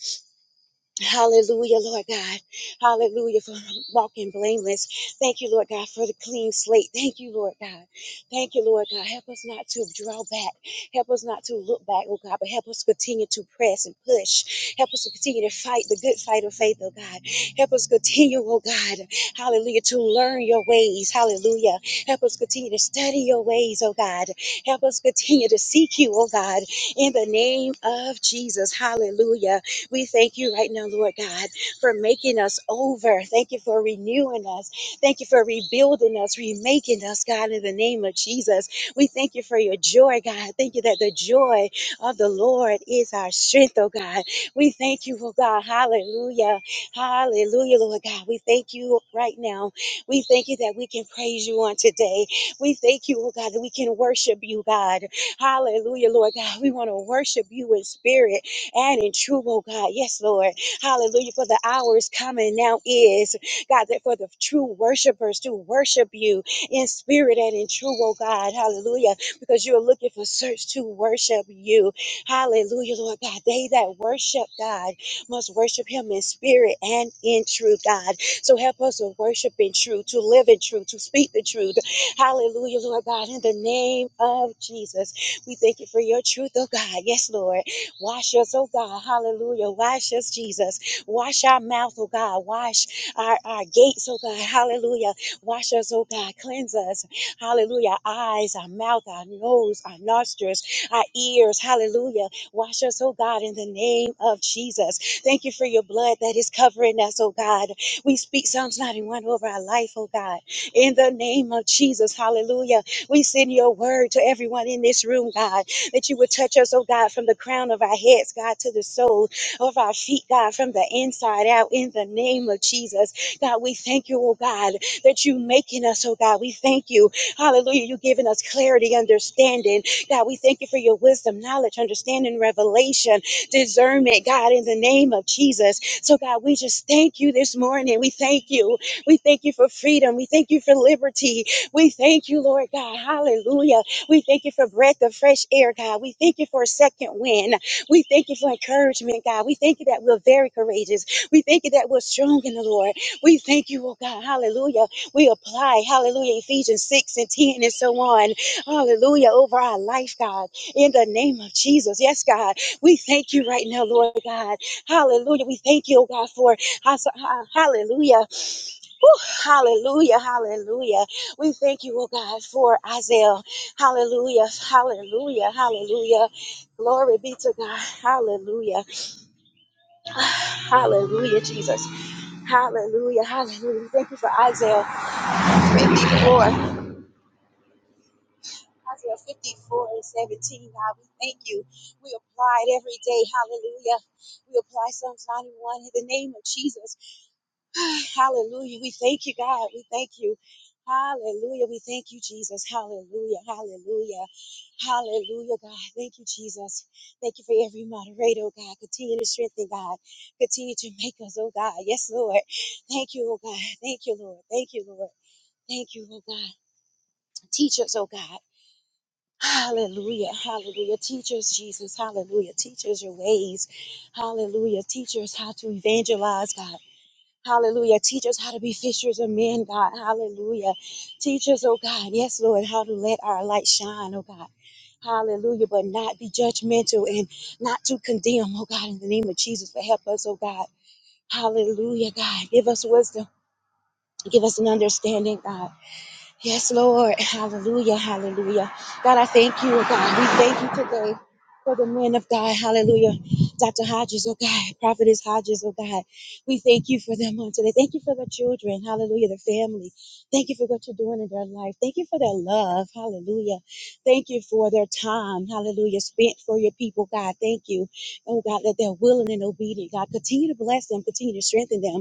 Hallelujah, Lord God. Hallelujah for walking blameless. Thank you, Lord God, for the clean slate. Thank you, Lord God. Thank you, Lord God. Help us not to draw back. Help us not to look back, oh God, but help us continue to press and push. Help us to continue to fight the good fight of faith, oh God. Help us continue, oh God. Hallelujah, to learn your ways. Hallelujah. Help us continue to study your ways, oh God. Help us continue to seek you, oh God, in the name of Jesus. Hallelujah. We thank you right now, Lord God, for making us over. Thank you for renewing us. Thank you for rebuilding us, remaking us, God, in the name of Jesus. We thank you for your joy, God. Thank you that the joy of the Lord is our strength, oh God. We thank you, oh God. Hallelujah. Hallelujah, Lord God. We thank you right now. We thank you that we can praise you on today. We thank you, oh God, that we can worship you, God. Hallelujah, Lord God. We want to worship you in spirit and in truth, oh God. Yes, Lord. Hallelujah. For the hour is coming now is, God, that for the true worshipers to worship you in spirit and in truth, oh God. Hallelujah. Because you're looking for search to worship you. Hallelujah, Lord God. They that worship God must worship him in spirit and in truth, God. So help us to worship in truth, to live in truth, to speak the truth. Hallelujah, Lord God. In the name of Jesus, we thank you for your truth, oh God. Yes, Lord. Wash us, oh God. Hallelujah. Wash us, Jesus. Wash our mouth, oh God. Wash our, our gates, oh God. Hallelujah. Wash us, oh God. Cleanse us. Hallelujah. Our eyes, our mouth, our nose, our nostrils, our ears. Hallelujah. Wash us, oh God, in the name of Jesus. Thank you for your blood that is covering us, oh God. We speak Psalms 91 over our life, oh God. In the name of Jesus. Hallelujah. We send your word to everyone in this room, God that you would touch us, oh God, from the crown of our heads, God, to the sole of our feet, God, from the inside out, in the name of Jesus. God, we thank you, oh God, that you making us, oh God. We thank you. Hallelujah. You giving us clarity, understanding. God, we thank you for your wisdom, knowledge, understanding, revelation, discernment, God, in the name of Jesus. So, God, we just thank you this morning. We thank you. We thank you for freedom. We thank you for liberty. We thank you, Lord God. Hallelujah we thank you for breath of fresh air, God. We thank you for a second wind. We thank you for encouragement, God. We thank you that we're very courageous. We thank you that we're strong in the Lord. We thank you, oh God. Hallelujah. We apply, hallelujah, Ephesians 6 and 10 and so on. Hallelujah, over our life, God. In the name of Jesus. Yes, God. We thank you right now, Lord God. Hallelujah. We thank you, oh God, for hallelujah. Whew, hallelujah, hallelujah. We thank you, oh God, for Isaiah. Hallelujah, hallelujah, hallelujah. Glory be to God. Hallelujah. Hallelujah, Jesus. Hallelujah, hallelujah. Thank you for Isaiah 54. Isaiah 54 and 17, God, we thank you. We apply it every day. Hallelujah. We apply Psalms 91 in the name of Jesus. Hallelujah. We thank you, God. We thank you. Hallelujah. We thank you, Jesus. Hallelujah. Hallelujah. Hallelujah, God. Thank you, Jesus. Thank you for every moderator, oh God. Continue to strengthen, God. Continue to make us, oh God. Yes, Lord. Thank you, oh God. Thank you, Lord. Thank you, Lord. Thank you, oh God. Teach us, oh God. Hallelujah. Hallelujah. Teach us, Jesus. Hallelujah. Teach us your ways. Hallelujah. Teach us how to evangelize, God. Hallelujah. Teach us how to be fishers of men, God. Hallelujah. Teach us, oh God, yes, Lord, how to let our light shine, oh God. Hallelujah. But not be judgmental and not to condemn, oh God, in the name of Jesus. But help us, oh God. Hallelujah, God. Give us wisdom. Give us an understanding, God. Yes, Lord. Hallelujah. Hallelujah. God, I thank you, oh God. We thank you today for the men of God. Hallelujah. Dr. Hodges, oh God. Prophetess Hodges, oh God. We thank you for them on today. Thank you for their children. Hallelujah. Their family. Thank you for what you're doing in their life. Thank you for their love. Hallelujah. Thank you for their time. Hallelujah. Spent for your people, God. Thank you. Oh God, that they're willing and obedient. God, continue to bless them. Continue to strengthen them.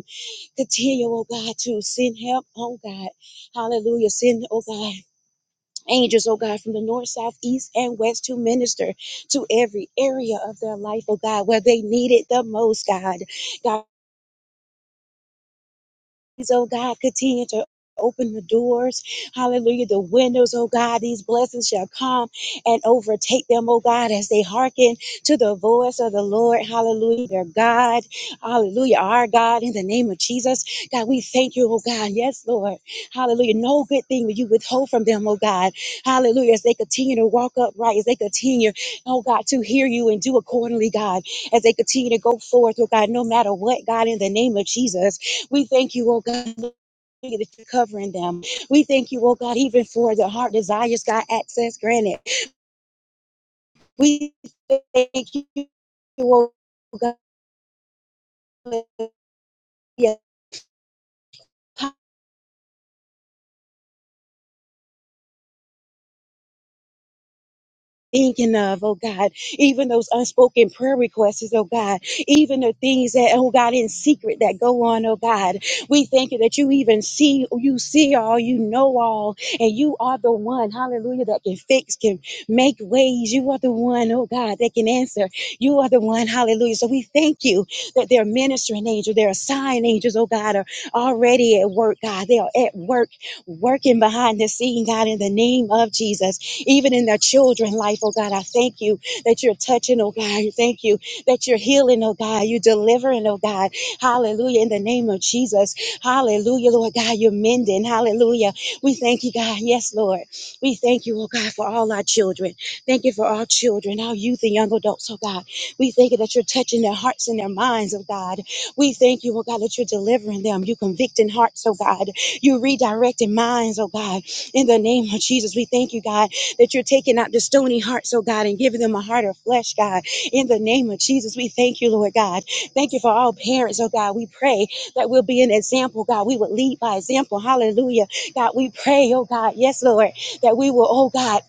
Continue, oh God, to send help, oh God. Hallelujah. Send, oh God. Angels, oh God, from the north, south, east, and west to minister to every area of their life, oh God, where they need it the most, God. God Please, oh God, continue to open the doors. Hallelujah. The windows, oh God, these blessings shall come and overtake them, oh God, as they hearken to the voice of the Lord. Hallelujah. Their God. Hallelujah. Our God, in the name of Jesus. God, we thank you, oh God. Yes, Lord. Hallelujah. No good thing will you withhold from them, oh God. Hallelujah. As they continue to walk upright, as they continue, oh God, to hear you and do accordingly, God, as they continue to go forth, oh God, no matter what, God, in the name of Jesus. We thank you, oh God. hallelujah, That you're covering them. We thank you, oh God, even for the heart desires, God, access granted. We thank you, oh God. thinking of, oh God, even those unspoken prayer requests, oh God, even the things that, oh God, in secret that go on, oh God. We thank you that you even see, you see all, you know all, and you are the one, hallelujah, that can fix, can make ways. You are the one, oh God, that can answer. You are the one, hallelujah. So we thank you that their ministering angels, their assigned angels, oh God, are already at work, God. They are at work, working behind the scene, God, in the name of Jesus even in their children life, oh God. I thank you that you're touching, oh God. Thank you that you're healing, oh God. You're delivering, oh God. Hallelujah. In the name of Jesus. Hallelujah, Lord God. You're mending. Hallelujah. We thank you, God. Yes, Lord. We thank you, oh God, for all our children. Thank you for our children, our youth and young adults, oh God. We thank you that you're touching their hearts and their minds, oh God. We thank you, oh God, that you're delivering them. You're convicting hearts, oh God. You're redirecting minds, oh God. In the name of Jesus, we thank you, God, that you're taking out the stony hearts, oh God, and giving them a heart of flesh, God. In the name of Jesus, we thank you, Lord God. Thank you for all parents, oh God. We pray that we'll be an example, God. We will lead by example. Hallelujah. God, we pray, oh God, yes, Lord, that we will, oh God,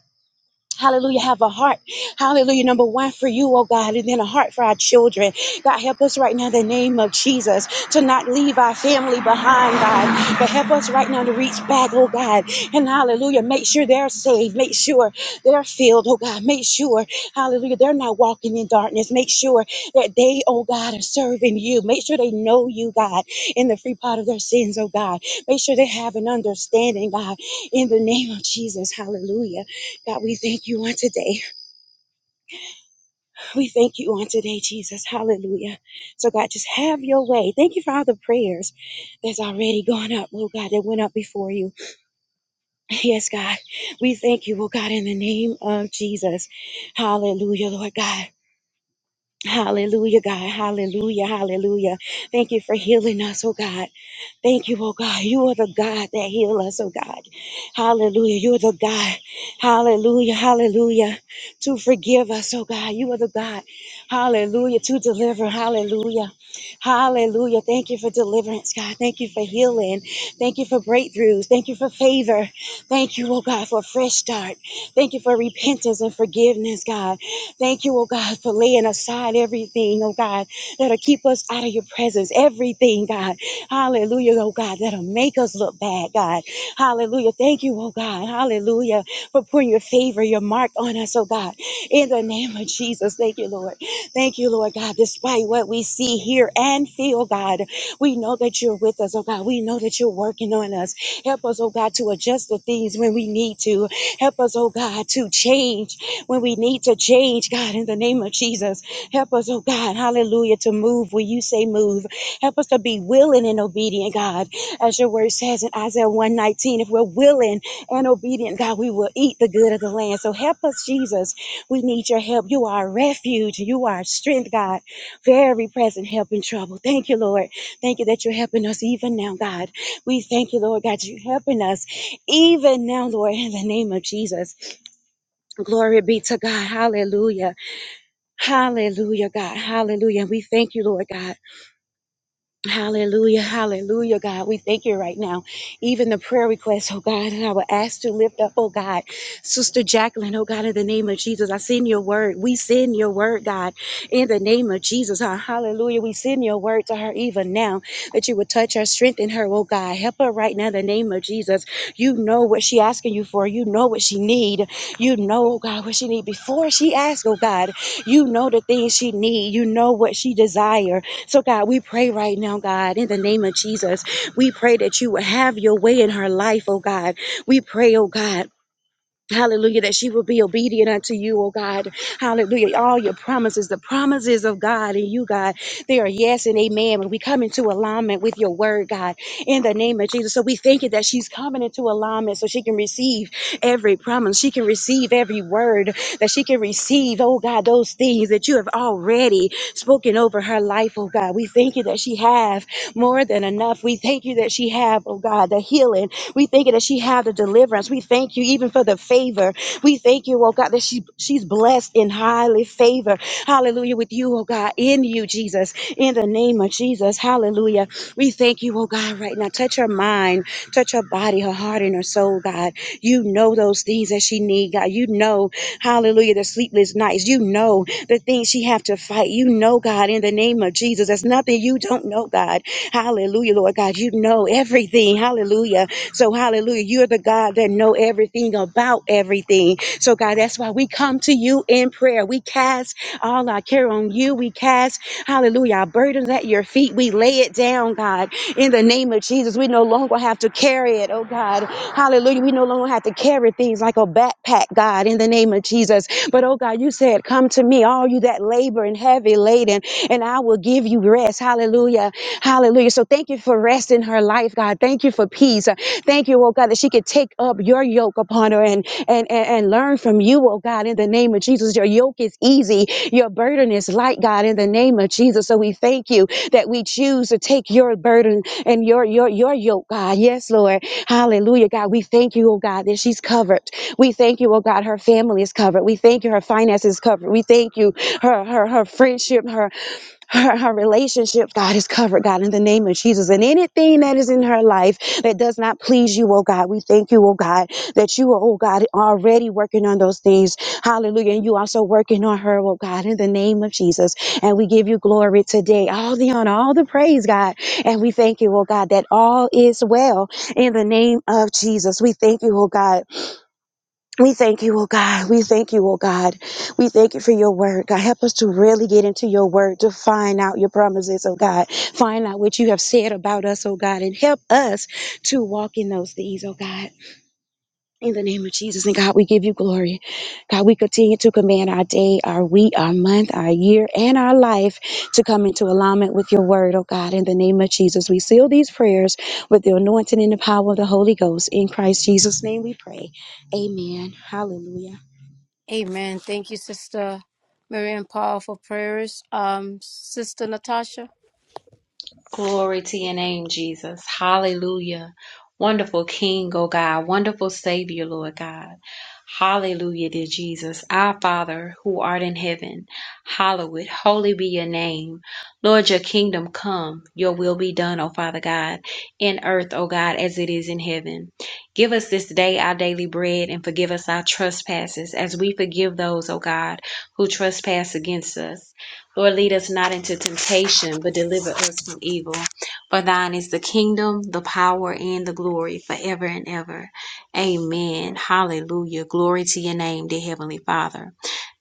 Hallelujah. Have a heart. Hallelujah. Number one for you, oh God, and then a heart for our children. God, help us right now in the name of Jesus to not leave our family behind, God, but help us right now to reach back, oh God. And hallelujah. Make sure they're saved. Make sure they're filled, oh God. Make sure, hallelujah, they're not walking in darkness. Make sure that they, oh God, are serving you. Make sure they know you, God, in the free part of their sins, oh God. Make sure they have an understanding, God, in the name of Jesus. Hallelujah. God, we thank you on today. We thank you on today, Jesus. Hallelujah. So, God, just have your way. Thank you for all the prayers that's already gone up, oh God, that went up before you. Yes, God. We thank you, oh God, in the name of Jesus. Hallelujah, Lord God. Hallelujah, God. Hallelujah. Hallelujah. Thank you for healing us, oh God. Thank you, oh God. You are the God that heal us, oh God. Hallelujah. You are the God. Hallelujah. Hallelujah. To forgive us, oh God. You are the God. Hallelujah. To deliver. Hallelujah. Hallelujah. Thank you for deliverance, God. Thank you for healing. Thank you for breakthroughs. Thank you for favor. Thank you, oh God, for a fresh start. Thank you for repentance and forgiveness, God. Thank you, oh God, for laying aside everything, oh God, that'll keep us out of your presence. Everything, God. Hallelujah, oh God, that'll make us look bad, God. Hallelujah. Thank you, oh God. Hallelujah, for putting your favor, your mark on us, oh God. In the name of Jesus, thank you, Lord. Thank you, Lord God. Despite what we see, hear, and feel, God, we know that you're with us, oh God. We know that you're working on us. Help us, oh God, to adjust the things when we need to. Help us, oh God, to change when we need to change, God, in the name of Jesus. Help us, oh God, hallelujah, to move when you say move. Help us to be willing and obedient, God, as your word says in Isaiah 119. If we're willing and obedient, God, we will eat the good of the land. So help us, Jesus. We need your help. You are our refuge. You are our strength, God. Very present help in trouble. Thank you, Lord. Thank you that you're helping us even now, God. We thank you, Lord God, you're helping us even now, Lord, in the name of Jesus. Glory be to God. Hallelujah. Hallelujah, God. Hallelujah. We thank you, Lord God. Hallelujah, hallelujah, God. We thank you right now. Even the prayer request, oh God, and I will ask to lift up, oh God, Sister Jacqueline, oh God, in the name of Jesus. I send your word. We send your word, God, in the name of Jesus. Huh? Hallelujah. We send your word to her even now that you would touch her, strengthen her, oh God. Help her right now in the name of Jesus. You know what she asking you for. You know what she need. You know, oh God, what she need before she asks, oh God. You know the things she need. You know what she desire so, God, we pray right now, God, in the name of Jesus, we pray that you would have your way in her life, oh God. We pray, oh God. Hallelujah, that she will be obedient unto you, oh God. Hallelujah. All your promises, the promises of God and you, God, they are yes and amen. When we come into alignment with your word, God, in the name of Jesus. So we thank you that she's coming into alignment so she can receive every promise. She can receive every word that she can receive, oh God, those things that you have already spoken over her life, oh God. We thank you that she have more than enough. We thank you that she have, oh God, the healing we thank you that she had the deliverance. We thank you even for the favor. We thank you, oh God, that she she's blessed in highly favor. Hallelujah. With you, oh God, in you, Jesus. In the name of Jesus. Hallelujah. We thank you, oh God, right now. Touch her mind, touch her body, her heart, and her soul, God. You know those things that she need, God. You know, hallelujah, the sleepless nights. You know the things she have to fight. You know, God, in the name of Jesus. There's nothing you don't know, God. Hallelujah, Lord God. You know everything. Hallelujah. So hallelujah, you're the God that know everything about everything. So God, that's why we come to you in prayer. We cast all our care on you. We cast, hallelujah, our burdens at your feet. We lay it down, God, in the name of Jesus. We no longer have to carry it, oh God. Hallelujah. We no longer have to carry things like a backpack, God, in the name of Jesus. But oh God, you said, Come to me, all you that labor and heavy laden, and I will give you rest. Hallelujah. Hallelujah. So thank you for rest in her life, God. Thank you for peace. Thank you, oh God, that she could take up your yoke upon her and and and, and learn from you, oh God. in in the name of Jesus. Your yoke is easy, your burden is light, God, in the name of Jesus. So we thank you that we choose to take your burden and your your your yoke, God. Yes, Lord. Hallelujah, God. We thank you, oh God, that she's covered. We thank you, oh God, her family is covered. We thank you, her finances is covered. We thank you, her her her friendship, her her, her relationship, God, is covered, God, in the name of Jesus. And anything that is in her life that does not please you, oh God, we thank you, oh God, that you are, oh God, already working on those things. Hallelujah. And you also working on her, oh God, in the name of Jesus. And we give you glory today, all the honor, all the praise, God. And we thank you, oh God, that all is well in the name of Jesus. We thank you, oh God. We thank you, oh God. We thank you, oh God. We thank you for your word. God, help us to really get into your word to find out your promises, oh God. Find out what you have said about us, oh God, and help us to walk in those things, oh God. In the name of Jesus and God, we give you glory. God, we continue to command our day, our week, our month, our year, and our life to come into alignment with your word, oh God. In the name of Jesus, we seal these prayers with the anointing and the power of the Holy Ghost. In Christ Jesus' name we pray. Amen. Hallelujah.
Amen. Thank you, Sister Miriam. Powerful prayers. Um, Sister Natasha.
Glory to your name, Jesus. Hallelujah. Wonderful King, oh God. Wonderful Savior, Lord God. Hallelujah, dear Jesus. Our Father, who art in heaven, hallowed, holy be your name. Lord, your kingdom come, your will be done, O Father God, in earth, O God, as it is in heaven. Give us this day our daily bread and forgive us our trespasses as we forgive those, O God, who trespass against us Lord, lead us not into temptation, but deliver us from evil. For thine is the kingdom, the power, and the glory forever and ever. Amen. Hallelujah. Glory to your name, dear Heavenly Father.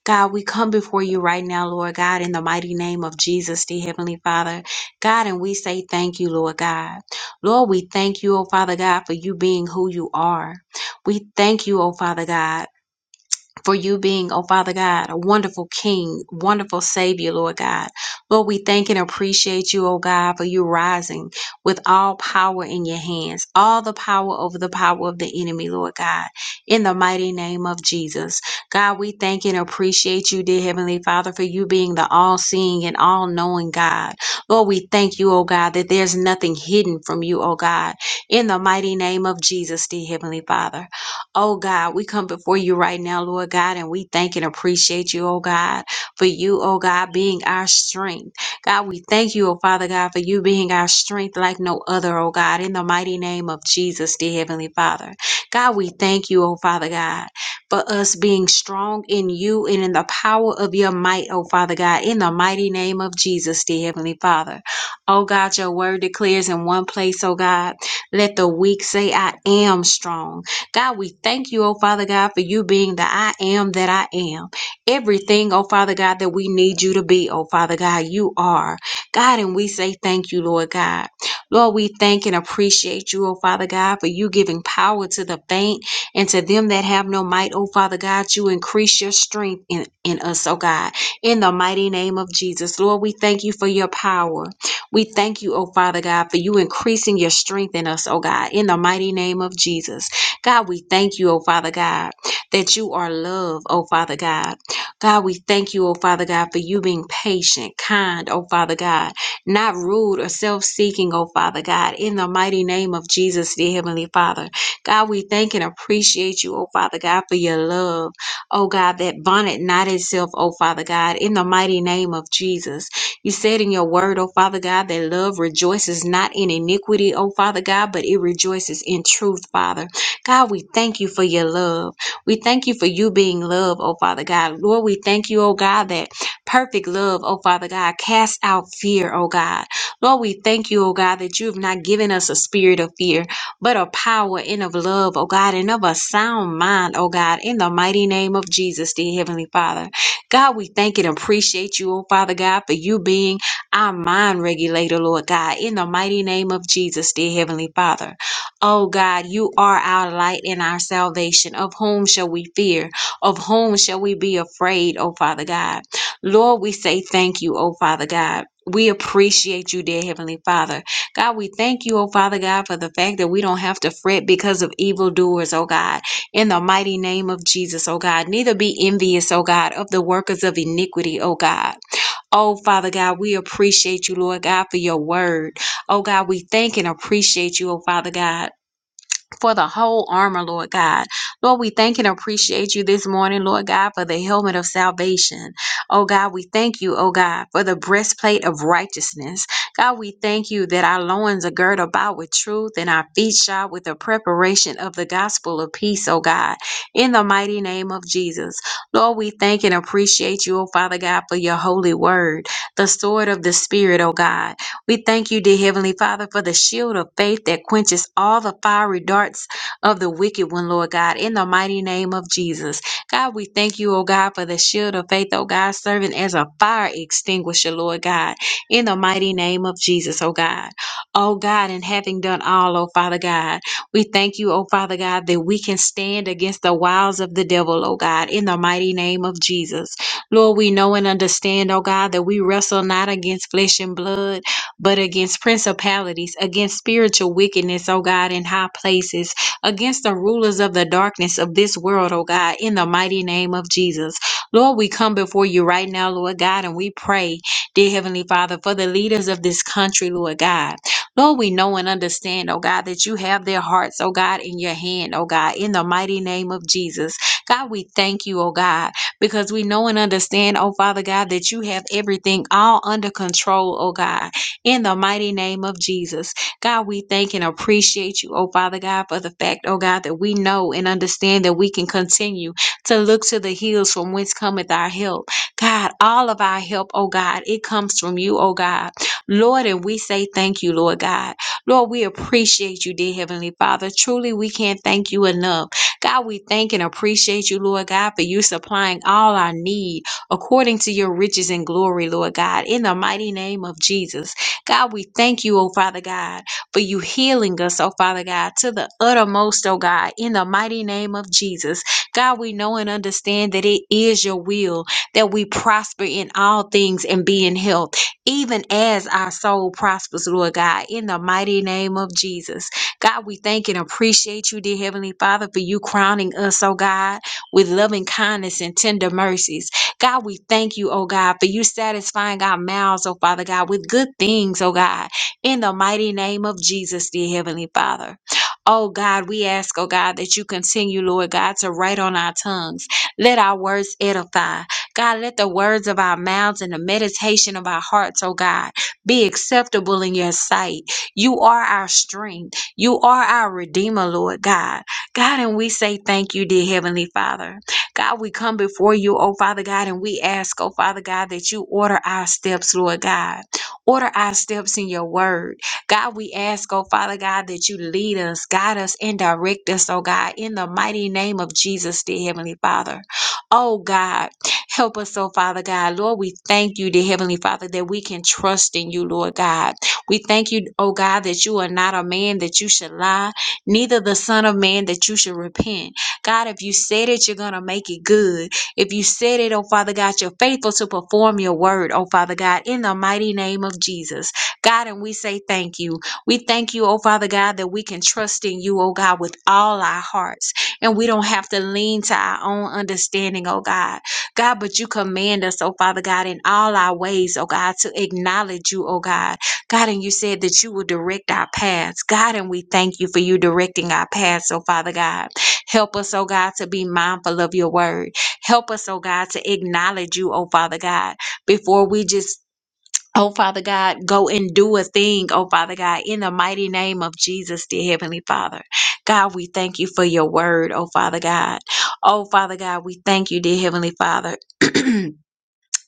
God, we come before you right now, Lord God, in the mighty name of Jesus, dear Heavenly Father. God, and we say thank you, Lord God. Lord, we thank you, O Father God, for you being who you are. We thank you, O Father God for you being, oh Father God, a wonderful King, wonderful Savior, Lord God. Lord, we thank and appreciate you, oh God, for you rising with all power in your hands, all the power over the power of the enemy, Lord God, in the mighty name of Jesus. God, we thank and appreciate you, dear Heavenly Father, for you being the all seeing and all knowing God. Lord, we thank you, oh God, that there's nothing hidden from you, oh God, in the mighty name of Jesus, dear Heavenly Father. Oh God, we come before you right now, Lord God, and we thank and appreciate you, oh God, for you, oh God, being our strength. God, we thank you, oh Father God, for you being our strength like no other, oh God, in the mighty name of Jesus, dear Heavenly Father. God, we thank you, oh Father God, for us being strong in you and in the power of your might, oh Father God, in the mighty name of Jesus, dear Heavenly Father. Oh God, your word declares in one place, oh God, let the weak say, I am strong. God, we thank you, oh Father God, for you being the I am that I am. Everything, oh Father God, that we need you to be, oh Father God, you are. God, and we say thank you, Lord God. Lord, we thank and appreciate you, oh Father God, for you giving power to the faint and to them that have no might, oh Father God, you increase your strength in, in us, oh God, in the mighty name of Jesus. Lord, we thank you for your power. We thank you, oh Father God, for you increasing your strength in us, oh God, in the mighty name of Jesus. God, we thank you, oh Father God, that you are love, oh Father God. God, we thank you, oh Father God, for you being patient, kind, oh Father God, not rude or self seeking, oh Father God, in the mighty name of Jesus, dear Heavenly Father. God, we thank and appreciate you, oh Father God, for your love, oh God, that bonnet not itself, oh Father God, in the mighty name of Jesus. You said in your word, oh Father God, that love rejoices not in iniquity, oh Father God, but it rejoices in truth, Father. God, we thank you for your love. We thank you for you being love, oh Father God. Lord, we thank you, oh God, that perfect love, oh Father God, casts out fear, oh God. Lord, we thank you, oh God, that you have not given us a spirit of fear, but a power and of love, oh God, and of a sound mind, oh God, in the mighty name of Jesus, dear Heavenly Father. God, we thank and appreciate you, oh Father God, for you being our mind regulator, Lord God, in the mighty name of Jesus, dear Heavenly Father. O God, you are our light and our salvation. Of whom shall we fear? Of whom shall we be afraid, O Father God? Lord, we say thank you, O Father God. We appreciate you, dear Heavenly Father. God, we thank you, O Father God, for the fact that we don't have to fret because of evildoers, O God. In the mighty name of Jesus, O God. Neither be envious, O God, of the workers of iniquity, O God. Oh, Father God, we appreciate you, Lord God, for your word. Oh, God, we thank and appreciate you, Oh Father God for the whole armor, Lord God. Lord, we thank and appreciate you this morning, Lord God, for the helmet of salvation. Oh God, we thank you, oh God, for the breastplate of righteousness. God, we thank you that our loins are girt about with truth and our feet shod with the preparation of the gospel of peace, oh God, in the mighty name of Jesus. Lord, we thank and appreciate you, oh Father God, for your holy word, the sword of the Spirit, oh God. We thank you, dear Heavenly Father, for the shield of faith that quenches all the fiery darts of the wicked one, Lord God, in the mighty name of Jesus. God, we thank you, oh God, for the shield of faith, oh God, serving as a fire extinguisher, Lord God, in the mighty name of Jesus, oh God. Oh God, and having done all, oh Father God, we thank you, oh Father God, that we can stand against the wiles of the devil, oh God, in the mighty name of Jesus. Lord, we know and understand, oh God, that we wrestle not against flesh and blood but against principalities, against spiritual wickedness, oh God, in high places, against the rulers of the darkness of this world, oh God, in the mighty name of Jesus. Lord, we come before you right now, Lord God, and we pray, dear Heavenly Father, for the leaders of this country, Lord God. Lord, we know and understand, oh God, that you have their hearts, oh God, in your hand, oh God, in the mighty name of Jesus. God, we thank you, oh God, because we know and understand, oh Father God, that you have everything all under control, oh God in the mighty name of Jesus. God, we thank and appreciate you, oh Father God, for the fact, oh God, that we know and understand that we can continue to look to the hills from whence cometh our help. God, all of our help, oh God, it comes from you, oh God. Lord, and we say thank you, Lord God. Lord, we appreciate you, dear Heavenly Father. Truly, we can't thank you enough. God, we thank and appreciate you, Lord God, for you supplying all our need according to your riches and glory, Lord God, in the mighty name of Jesus. God, we thank you, oh Father God, for you healing us, oh Father God, to the uttermost, oh God, in the mighty name of Jesus. God, we know and understand that it is your will that we prosper in all things and be in health, even as our soul prospers, Lord God, in the mighty name of Jesus. God, we thank and appreciate you, dear Heavenly Father, for you crowning us, oh God, with loving kindness and tender mercies. God, we thank you, oh God, for you satisfying our mouths, oh Father God, with good things, oh God, in the mighty name of Jesus, dear Heavenly Father. Oh God, we ask, oh God, that you continue, Lord God, to write on our tongues. Let our words edify. God, let the words of our mouths and the meditation of our hearts, oh God, be acceptable in your sight. You are our strength. You are our Redeemer, Lord God. God, and we say thank you, dear Heavenly Father. God, we come before you, oh Father God, and we ask, oh Father God, that you order our steps, Lord God. Order our steps in your word. God, we ask, oh Father God, that you lead us, guide us, and direct us, oh God, in the mighty name of Jesus, dear Heavenly Father. Oh God, help us, oh Father God. Lord, we thank you, dear Heavenly Father, that we can trust in you, Lord God. We thank you, oh God, that you are not a man that you should lie, neither the Son of Man that you should repent. God, if you said it, you're going to make it good. If you said it, oh Father God, you're faithful to perform your word, oh Father God, in the mighty name of Jesus. God, and we say thank you. We thank you, oh Father God, that we can trust in you, oh God, with all our hearts. And we don't have to lean to our own understanding, oh God. God, but you command us, oh Father God, in all our ways, oh God, to acknowledge you, oh God. God, and you said that you will direct our paths. God, and we thank you for you directing our paths, oh Father God. Help us, oh God, to be mindful of your word. Help us, oh God, to acknowledge you, oh Father God, before we just Oh, Father God, go and do a thing, oh Father God, in the mighty name of Jesus, dear Heavenly Father. God, we thank you for your word, oh Father God. Oh, Father God, we thank you, dear Heavenly Father.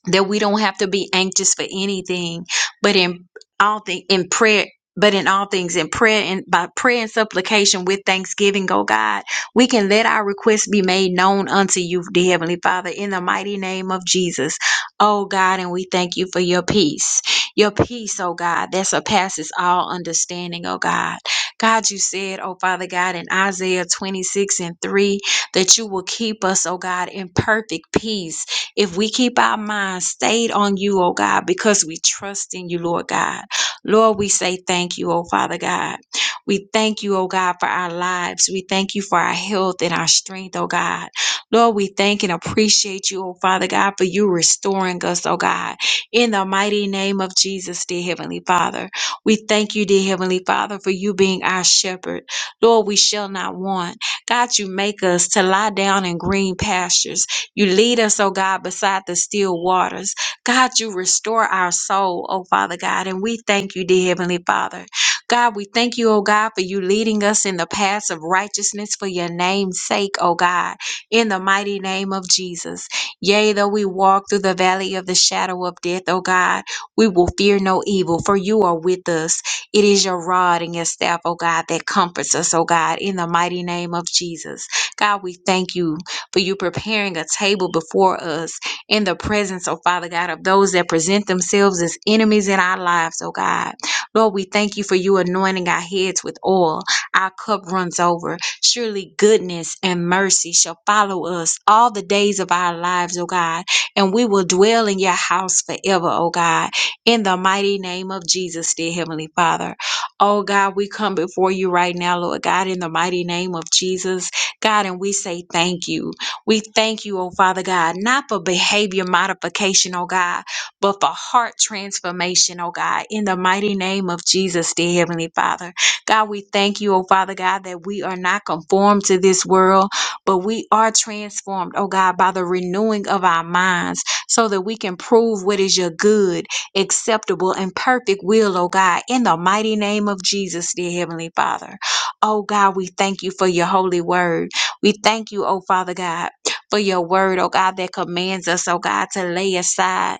that we don't have to be anxious for anything, but in all things in prayer, but in all things in prayer and by prayer and supplication with thanksgiving, oh God, we can let our requests be made known unto you, dear Heavenly Father, in the mighty name of Jesus. Oh God, and we thank you for your peace. Your peace, oh God, that surpasses all understanding, oh God. God, you said, oh Father God, in Isaiah 26 and 3, that you will keep us, oh God, in perfect peace if we keep our minds stayed on you, oh God, because we trust in you, Lord God. Lord, we say thank you, oh Father God. We thank you, oh God, for our lives. We thank you for our health and our strength, oh God. Lord, we thank and appreciate you, oh Father God, for you restoring us, oh God. In the mighty name of Jesus, dear Heavenly Father. We thank you, dear Heavenly Father, for you being our shepherd. Lord, we shall not want. God, you make us to lie down in green pastures. You lead us, oh God, beside the still waters. God, you restore our soul, oh Father God, and we thank you, dear Heavenly Father. God, we thank you, oh God, for you leading us in the paths of righteousness for your name's sake, oh God, in the mighty name of Jesus. Yea, though we walk through the valley of the shadow of death, oh God, we will fear no evil, for you are with us. It is your rod and your staff, oh God, that comforts us, oh God, in the mighty name of Jesus. God, we thank you for you preparing a table before us in the presence, oh Father God, of those that present themselves as enemies in our lives, oh God. Lord, we thank you for you anointing our heads with oil. Our cup runs over. Surely goodness and mercy shall follow us all the days of our lives, oh God, and we will dwell in your house forever, oh God. In the mighty name of Jesus, dear Heavenly Father. Oh God, we come before you right now, Lord God, in the mighty name of Jesus, God, and we say thank you. We thank you, oh Father God, not for behavior modification, oh God, but for heart transformation, oh God, in the mighty name of Jesus, dear Heavenly Father. God, we thank you, oh Father God, that we are not conformed to this world, but we are transformed, oh God, by the renewing of our minds so that we can prove what is your good, acceptable, and perfect will, oh God, in the mighty name of Jesus, dear Heavenly Father. Oh God, we thank you for your holy word. We thank you, oh Father God for your word, oh God, that commands us, oh God, to lay aside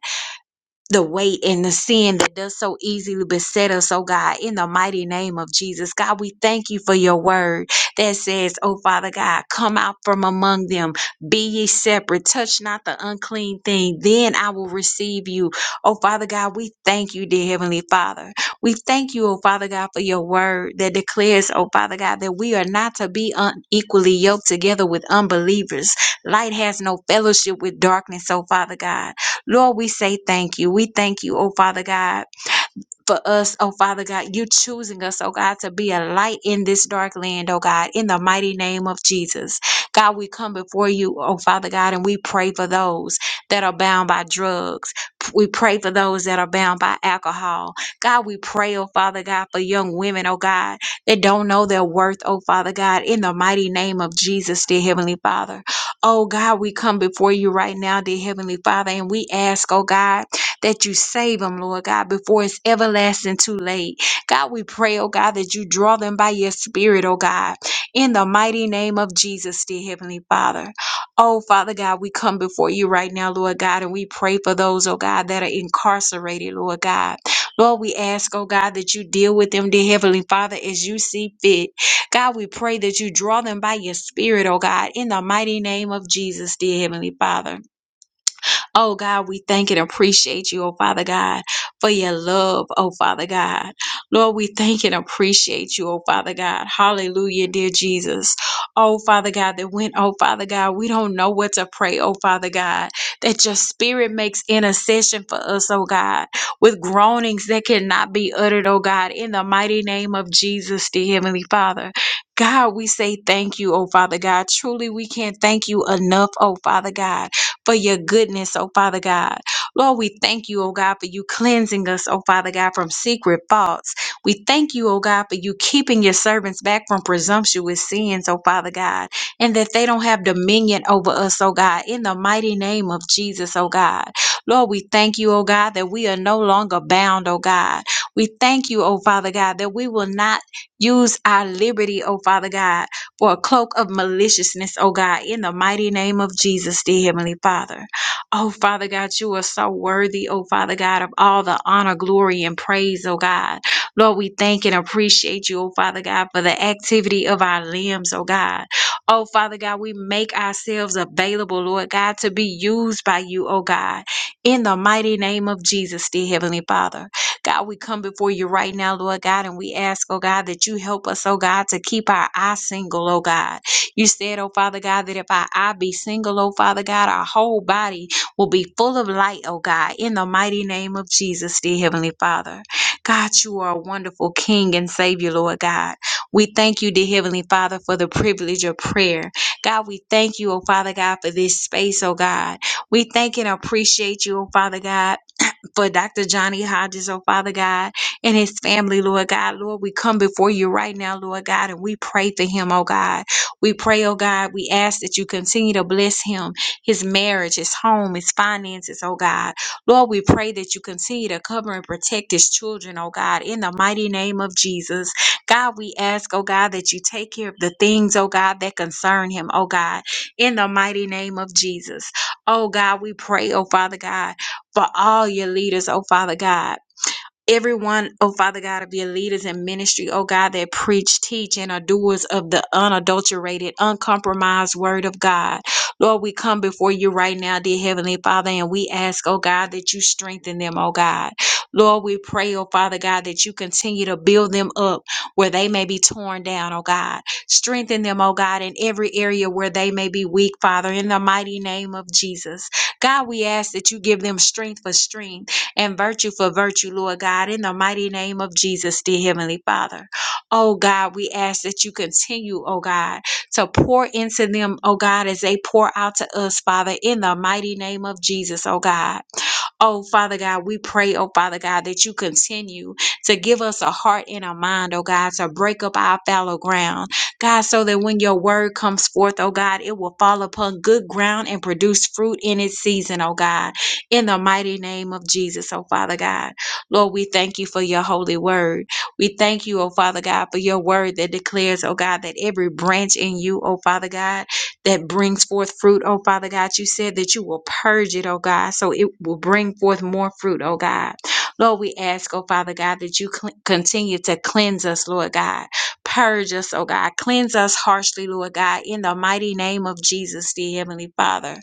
the weight and the sin that does so easily beset us, oh God, in the mighty name of Jesus. God, we thank you for your word that says, oh Father God, come out from among them, be ye separate, touch not the unclean thing, then I will receive you. Oh Father God, we thank you, dear Heavenly Father. We thank you, oh Father God, for your word that declares, oh Father God, that we are not to be unequally yoked together with unbelievers. Light has no fellowship with darkness, oh Father God. Lord, we say thank you. We thank you, oh Father God for us, oh Father God, you choosing us, oh God, to be a light in this dark land, oh God, in the mighty name of Jesus. God, we come before you, oh Father God, and we pray for those that are bound by drugs. We pray for those that are bound by alcohol. God, we pray, oh Father God, for young women, oh God, that don't know their worth, oh Father God, in the mighty name of Jesus, dear Heavenly Father. Oh God, we come before you right now, dear Heavenly Father, and we ask, oh God that you save them, Lord God, before it's everlasting too late. God, we pray, oh God, that you draw them by your spirit, oh God, in the mighty name of Jesus, dear Heavenly Father. Oh, Father God, we come before you right now, Lord God, and we pray for those, oh God, that are incarcerated, Lord God. Lord, we ask, oh God, that you deal with them, dear Heavenly Father, as you see fit. God, we pray that you draw them by your spirit, oh God, in the mighty name of Jesus, dear Heavenly Father. Oh God, we thank and appreciate you, oh Father God, for your love, oh Father God. Lord, we thank and appreciate you, oh Father God. Hallelujah, dear Jesus. Oh Father God, that when, oh Father God, we don't know what to pray, oh Father God, that your spirit makes intercession for us, oh God, with groanings that cannot be uttered, oh God, in the mighty name of Jesus, dear Heavenly Father. God, we say thank you, oh Father God. Truly, we can't thank you enough, oh Father God for your goodness, oh Father God. Lord, we thank you, oh God, for you cleansing us, oh Father God, from secret faults. We thank you, oh God, for you keeping your servants back from presumptuous sins, oh Father God, and that they don't have dominion over us, oh God, in the mighty name of Jesus, oh God. Lord, we thank you, oh God, that we are no longer bound, oh God. We thank you, oh Father God, that we will not use our liberty, oh Father God for a cloak of maliciousness, oh God, in the mighty name of Jesus, dear Heavenly Father. Oh, Father God, you are so worthy, oh Father God, of all the honor, glory, and praise, oh God. Lord, we thank and appreciate you, oh Father God, for the activity of our limbs, oh God. Oh, Father God, we make ourselves available, Lord God, to be used by you, oh God, in the mighty name of Jesus, dear Heavenly Father. God, we come before you right now, Lord God, and we ask, oh God, that you help us, oh God, to keep our eye single, oh God. You said, oh Father God, that if our eye be single, oh Father God, our whole body will be full of light, oh God, in the mighty name of Jesus, dear Heavenly Father. God, you are a wonderful King and Savior, Lord God. We thank you, dear Heavenly Father, for the privilege of prayer. God, we thank you, oh Father God, for this space, oh God. We thank and appreciate you, oh Father God for Dr. Johnny Hodges, oh Father God, and his family, Lord God. Lord, we come before you right now, Lord God, and we pray for him, oh God. We pray, oh God, we ask that you continue to bless him, his marriage, his home, his finances, oh God. Lord, we pray that you continue to cover and protect his children, oh God, in the mighty name of Jesus. God, we ask, oh God, that you take care of the things, oh God, that concern him, oh God, in the mighty name of Jesus. Oh God, we pray, oh Father God for all your leaders, oh Father God everyone, oh Father God, of your leaders in ministry, oh God, that preach, teach, and are doers of the unadulterated, uncompromised word of God. Lord, we come before you right now, dear Heavenly Father, and we ask, oh God, that you strengthen them, oh God. Lord, we pray, oh Father God, that you continue to build them up where they may be torn down, oh God. Strengthen them, oh God, in every area where they may be weak, Father, in the mighty name of Jesus. God, we ask that you give them strength for strength and virtue for virtue, Lord God, in the mighty name of Jesus, dear Heavenly Father. Oh God, we ask that you continue, oh God, to pour into them, oh God, as they pour out to us, Father, in the mighty name of Jesus, oh God. Oh, Father God, we pray, oh, Father God, that you continue to give us a heart and a mind, oh, God, to break up our fallow ground. God, so that when your word comes forth, oh, God, it will fall upon good ground and produce fruit in its season, oh, God, in the mighty name of Jesus, oh, Father God. Lord, we thank you for your holy word. We thank you, oh, Father God, for your word that declares, oh, God, that every branch in you, oh, Father God, that brings forth fruit, oh Father God. You said that you will purge it, oh God, so it will bring forth more fruit, oh God. Lord, we ask, oh Father God, that you cl- continue to cleanse us, Lord God. Purge us, oh God. Cleanse us harshly, Lord God, in the mighty name of Jesus, dear Heavenly Father.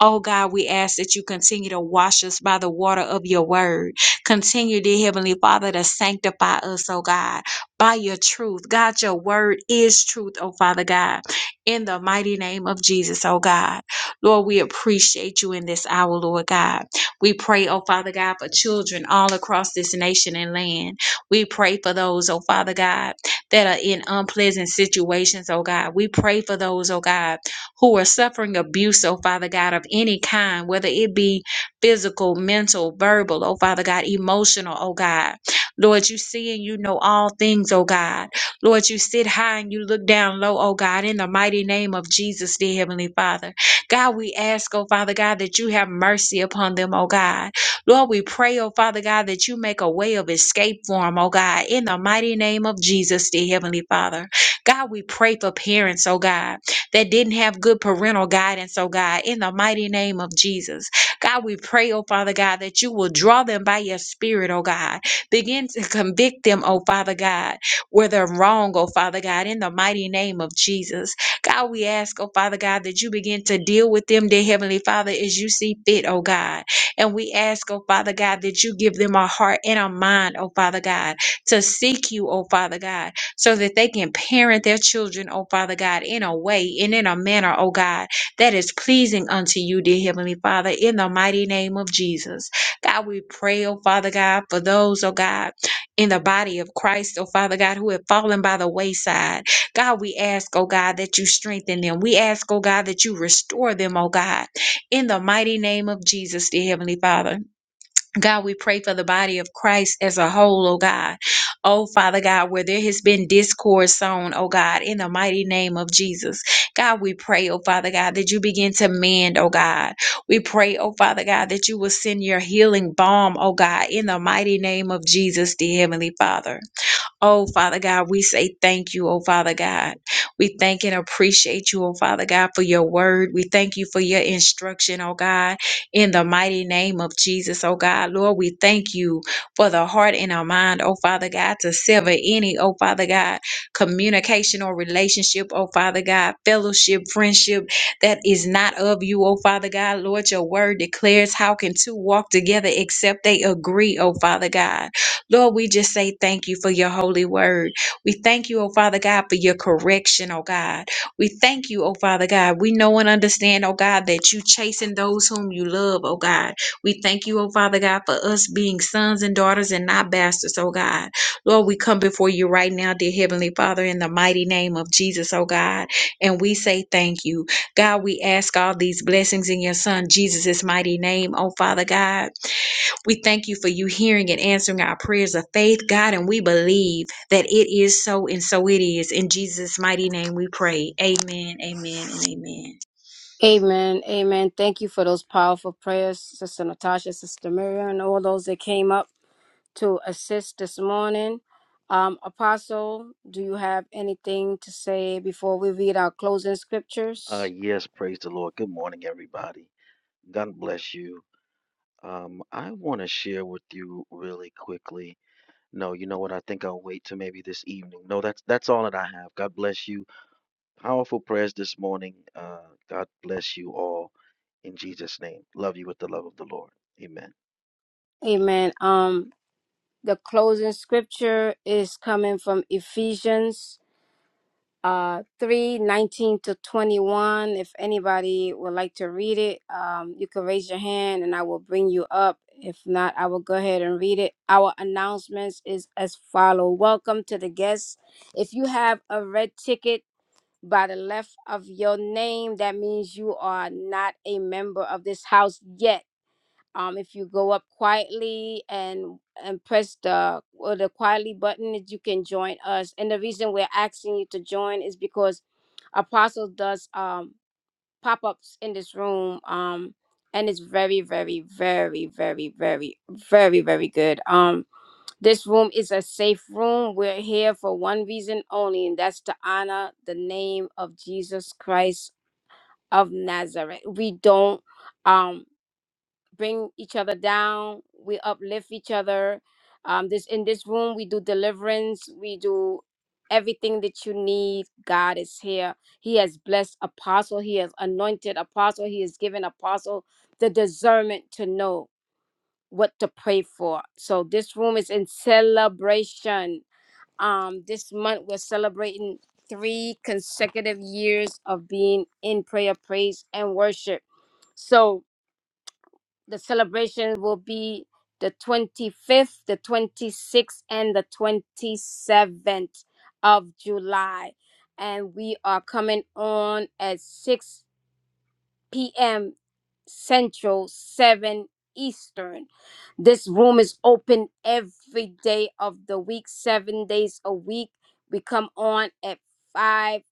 Oh God, we ask that you continue to wash us by the water of your word. Continue, dear Heavenly Father, to sanctify us, oh God, by your truth. God, your word is truth, oh Father God in the mighty name of Jesus, oh God. Lord, we appreciate you in this hour, Lord God. We pray, oh Father God, for children all across this nation and land. We pray for those, oh Father God, that are in unpleasant situations, oh God. We pray for those, oh God, who are suffering abuse, oh Father God, of any kind, whether it be physical, mental, verbal, oh Father God, emotional, oh God. Lord, you see and you know all things, oh God. Lord, you sit high and you look down low, oh God, in the mighty name of Jesus, dear Heavenly Father. God, we ask, oh Father God, that you have mercy upon them, oh God. Lord, we pray, oh Father God, that you make a way of escape for them, oh God, in the mighty name of Jesus, dear Heavenly Father. God, we pray for parents, oh God, that didn't have good parental guidance, oh God, in the mighty name of Jesus. God, we pray, oh Father God, that you will draw them by your spirit, oh God. Begin to convict them, oh Father God where they're wrong, oh Father God, in the mighty name of Jesus. God, we ask, oh Father God, that you begin to deal with them, dear Heavenly Father, as you see fit, oh God. And we ask, oh Father God, that you give them a heart and a mind, oh Father God, to seek you, oh Father God, so that they can parent their children, oh Father God, in a way and in a manner, oh God, that is pleasing unto you, dear Heavenly Father, in the mighty name of Jesus. God, we pray, oh Father God, for those, oh God in the body of Christ, oh Father God, who have fallen by the wayside. God, we ask, oh God, that you strengthen them. We ask, oh God, that you restore them, oh God, in the mighty name of Jesus, dear Heavenly Father. God, we pray for the body of Christ as a whole, oh God. Oh, Father God, where there has been discord sown, oh God, in the mighty name of Jesus. God, we pray, oh Father God, that you begin to mend, oh God. We pray, oh Father God, that you will send your healing balm, oh God, in the mighty name of Jesus, the Heavenly Father. Oh, Father God, we say thank you, oh, Father God. We thank and appreciate you, oh, Father God, for your word. We thank you for your instruction, oh, God, in the mighty name of Jesus, oh, God. Lord, we thank you for the heart and our mind, oh, Father God, to sever any, oh, Father God, communication or relationship, oh, Father God, fellowship, friendship that is not of you, oh, Father God. Lord, your word declares how can two walk together except they agree, oh, Father God. Lord, we just say thank you for your holy word. We thank you, oh Father God, for your correction, oh God. We thank you, oh Father God. We know and understand, oh God, that you chasing those whom you love, oh God. We thank you, oh Father God, for us being sons and daughters and not bastards, oh God. Lord, we come before you right now, dear Heavenly Father, in the mighty name of Jesus, oh God. And we say thank you. God, we ask all these blessings in your Son, Jesus' mighty name, oh Father God. We thank you for you hearing and answering our prayers of faith, God, and we believe that it is so and so it is. In Jesus' mighty name we pray. Amen, amen, and amen.
Amen, amen. Thank you for those powerful prayers, Sister Natasha, Sister Miriam, and all those that came up. to assist this morning. Um, Apostle, do you have anything to say before we read our closing
Uh,
scriptures?
yes, praise the Lord. Good morning, everybody. God bless you. Um, I want to share with you really quickly. No, you know what? I think I'll wait till maybe this evening. No, that's that's all that I have. God bless you. Powerful prayers this morning. Uh, God bless you all in Jesus' name. Love you with the love of the Lord. Amen.
Amen. Um, the closing scripture is coming from Ephesians uh, 3 nineteen to 21. If anybody would like to read it, um, you can raise your hand and I will bring you up. If not, I will go ahead and read it. Our announcements is as follow. Welcome to the guests. If you have a red ticket, by the left of your name. That means you are not a member of this house yet. Um, if you go up quietly and and press the or the quietly button, that you can join us. And the reason we're asking you to join is because Apostle does um pop ups in this room. Um, and it's very, very, very, very, very, very, very good. Um, this room is a safe room. We're here for one reason only, and that's to honor the name of Jesus Christ of Nazareth. We don't um bring each other down. We uplift each other. Um this in this room we do deliverance. We do everything that you need. God is here. He has blessed apostle. He has anointed apostle. He has given apostle the discernment to know what to pray for. So this room is in celebration um, this month we're celebrating three consecutive years of being in prayer, praise, and worship. So the celebration will be the 25th, the 26th, and the 27th of July. And we are coming on at 6 p.m. Central, 7 Eastern. This room is open every day of the week, seven days a week. We come on at 5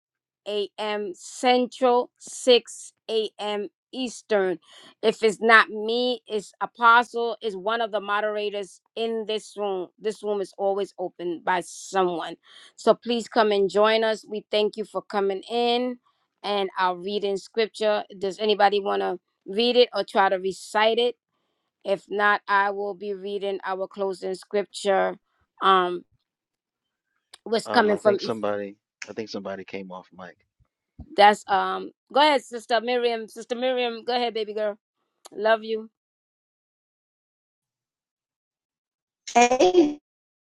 a.m. Central, 6 a.m. Eastern. If it's not me, it's Apostle, is one of the moderators in this room. This room is always open by someone. So please come and join us. We thank you for coming in and I'll read in scripture. Does anybody want to read it or try to recite it? If not, I will be reading our closing scripture. Um, what's
Um, I
coming from
think somebody, I think somebody came off mic.
That's um. Go ahead, Sister Miriam. Sister Miriam, go ahead, baby girl. Love you.
Amen.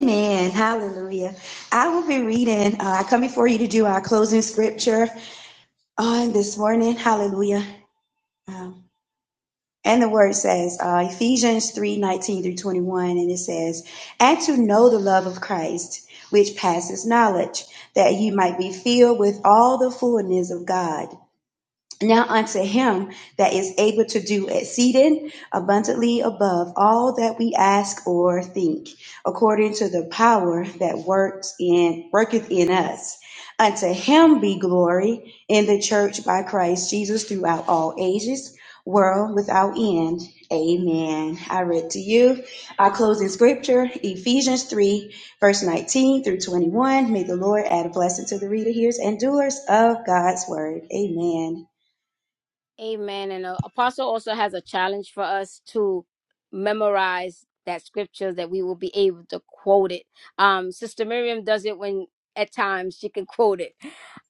Hallelujah. I will be reading. Uh, I come before you to do our closing scripture on this morning. Hallelujah. And the word says, uh, Ephesians 3 19 through 21, and it says, And to know the love of Christ, which passes knowledge, that ye might be filled with all the fullness of God. Now unto him that is able to do exceeding abundantly above all that we ask or think, according to the power that works in worketh in us. Unto him be glory in the church by Christ Jesus throughout all ages, world without end. Amen. I read to you our closing scripture, Ephesians 3, verse 19 through 21. May the Lord add a blessing to the reader, hearers, and doers of God's word. Amen.
Amen. And uh, Apostle also has a challenge for us to memorize that scripture that we will be able to quote it. Um, Sister Miriam does it when at times she can quote it.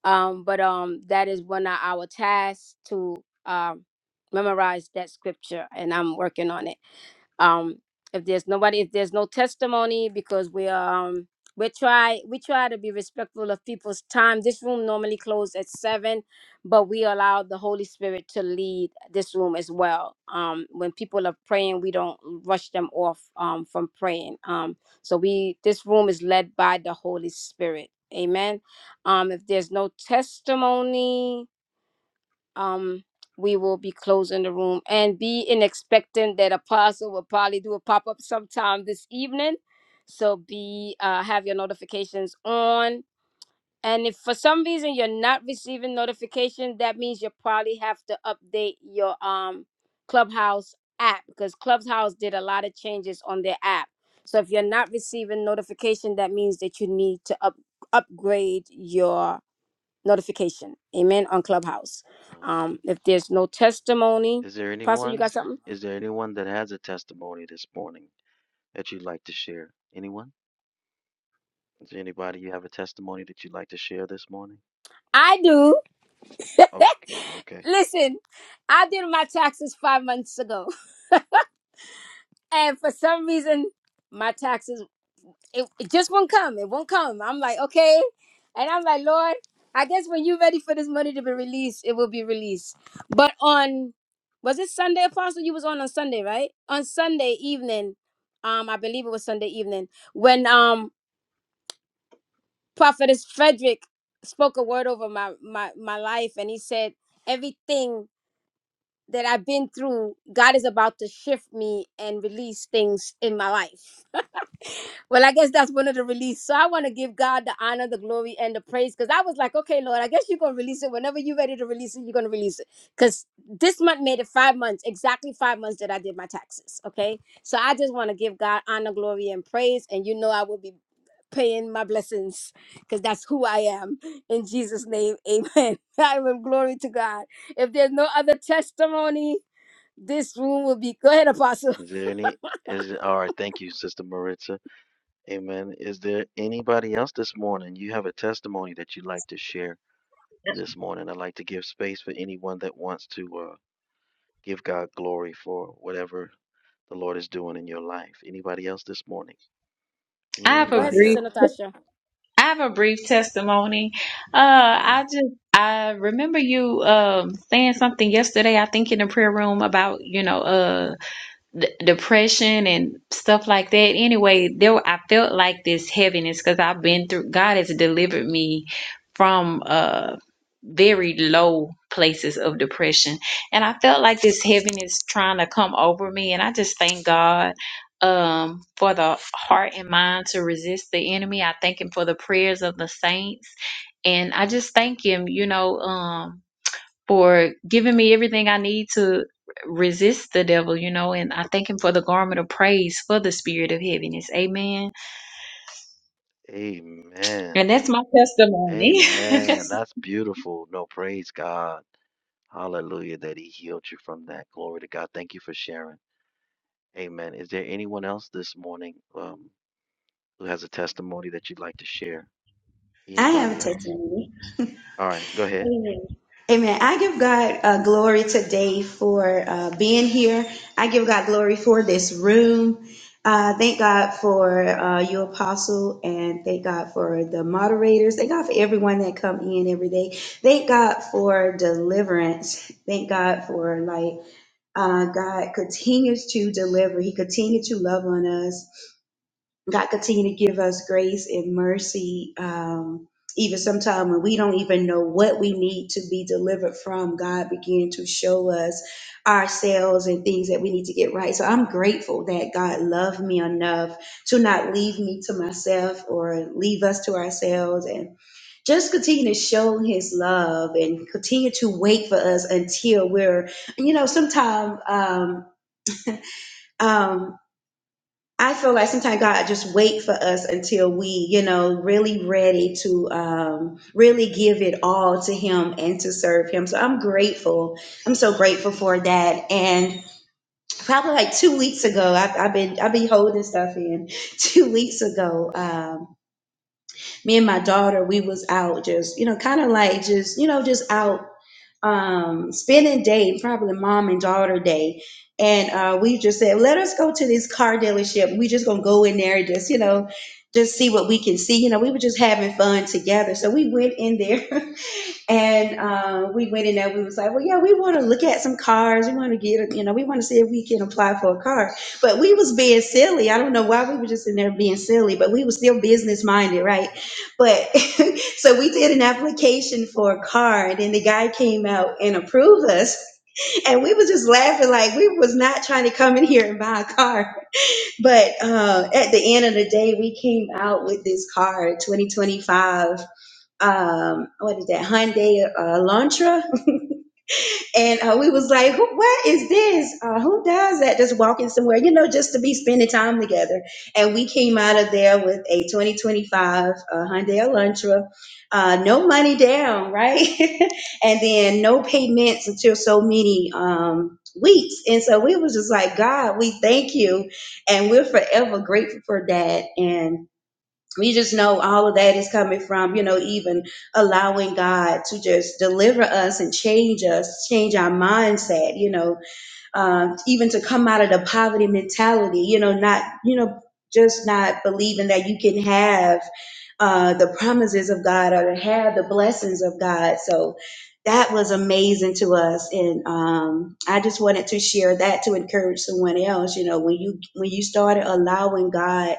Um, but um, that is one of our tasks to um memorize that scripture, and I'm working on it. um if there's nobody if there's no testimony because we um we try we try to be respectful of people's time this room normally closed at seven but we allow the holy spirit to lead this room as well um when people are praying we don't rush them off um from praying um so we this room is led by the holy spirit amen um if there's no testimony um we will be closing the room and be in expecting that apostle will probably do a pop-up sometime this evening so be uh have your notifications on and if for some reason you're not receiving notification that means you probably have to update your um clubhouse app because clubhouse did a lot of changes on their app so if you're not receiving notification that means that you need to up upgrade your notification. Amen. On Clubhouse.
Um.
Um, if there's no testimony,
Is there
Apostle, you got
anyone?
something?
Is there anyone that has a testimony this morning that you'd like to share? Anyone? Is there anybody you have a testimony that you'd like to share this morning?
I do.
Okay. Okay.
Listen, I did my taxes five months ago, and for some reason, my taxes it, it just won't come. It won't come. I'm like, okay, and I'm like, Lord, I guess when you're ready for this money to be released, it will be released. But on was it Sunday, Apostle? You was on on Sunday, right? On Sunday evening, um, I believe it was Sunday evening when um prophetess frederick spoke a word over my my my life and he said everything that i've been through god is about to shift me and release things in my life well, I guess that's one of the release. So I want to give God the honor, the glory, and the praise because I was like, okay, Lord, I guess you're going to release it. Whenever you're ready to release it, you're going to release it. Because this month made it five months, exactly five months that I did my taxes. Okay. So I just want to give God honor, glory, and praise. And you know, I will be paying my blessings because that's who I am. In Jesus' name, amen. I will glory to God. If there's no other testimony, this room will be. Go ahead, Apostle.
Is there any? Is there, all right. Thank you, Sister Maritza. Amen. Is there anybody else this morning? You have a testimony that you'd like to share this morning. I'd like to give space for anyone that wants to uh, give God glory for whatever the Lord is doing in your life. Anybody else this morning?
I have
Go
a
ahead,
Anybody
brief
Sister
else?
Natasha.
I have a brief testimony. Uh,
Uh,
I just I remember you um saying something yesterday. I think in the prayer room about you know uh d- depression and stuff like that. Anyway, there I felt like this heaviness because I've been through. God has delivered me from uh very low places of depression, and I felt like this heaviness trying to come over me. And I just thank God um for the heart and mind to resist the enemy. I thank Him for the prayers of the saints, and I just thank Him. You know um for giving me everything I need to resist the devil, you know, and I thank him for the garment of praise for the spirit of heaviness. Amen.
amen.
And that's my testimony.
Amen. That's beautiful. No, praise God. Hallelujah that He healed you from that. Glory to God. Thank you for sharing. Amen. Is there anyone else this morning um, who has a testimony that you'd like to share?
I have a
Anybody else?
testimony.
All right, go ahead.
Amen. Amen. I give God uh, glory today for uh, being here. I give God glory for this room. Uh, thank God for uh, your apostle and thank God for the moderators. Thank God for everyone that come in every day. Thank God for deliverance. Thank God for like uh, God continues to deliver. He continues to love on us. God continue to give us grace and mercy, um, even sometime when we don't even know what we need to be delivered from. God begin to show us ourselves and things that we need to get right. So I'm grateful that God loved me enough to not leave me to myself or leave us to ourselves and just continue to show his love and continue to wait for us until we're, you know, sometimes um, um, I feel like sometimes God just wait for us until we, you know, really ready to um, really give it all to Him and to serve Him. So I'm grateful. I'm so grateful for that. And probably like two weeks ago, I've, I've been I've been holding stuff in. Two weeks ago, um, me and my daughter, we was out just, you know, kind of like just, you know, just out um, spending day, probably mom and daughter day. And uh, we just said, let us go to this car dealership. We just gonna go in there and just, you know, just see what we can see. You know, we were just having fun together. So we went in there And uh, we went in there. We was like, well, yeah, we want to look at some cars. We want to get, a- you know, we want to see if we can apply for a car. But we was being silly. I don't know why we were just in there being silly, but we was still business minded, right? But so we did an application for a car, and then the guy came out and approved us. And we was just laughing like we was not trying to come in here and buy a car. But uh, at the end of the day, we came out with this car, 2025 um what is that Hyundai uh, Elantra, and uh, we was like, who, what is this? Uh, who does that? Just walking somewhere, you know, just to be spending time together. And we came out of there with a 2025 uh, Hyundai Elantra, uh, no money down, right? and then no payments until so many. Um, weeks and so we was just like god we thank you and we're forever grateful for that and we just know all of that is coming from you know even allowing god to just deliver us and change us change our mindset you know um, even to come out of the poverty mentality, you know, not, you know, just not believing that you can have uh, the promises of God or to have the blessings of God. So that was amazing to us, and um, I just wanted to share that to encourage someone else. You know, when you when you started allowing God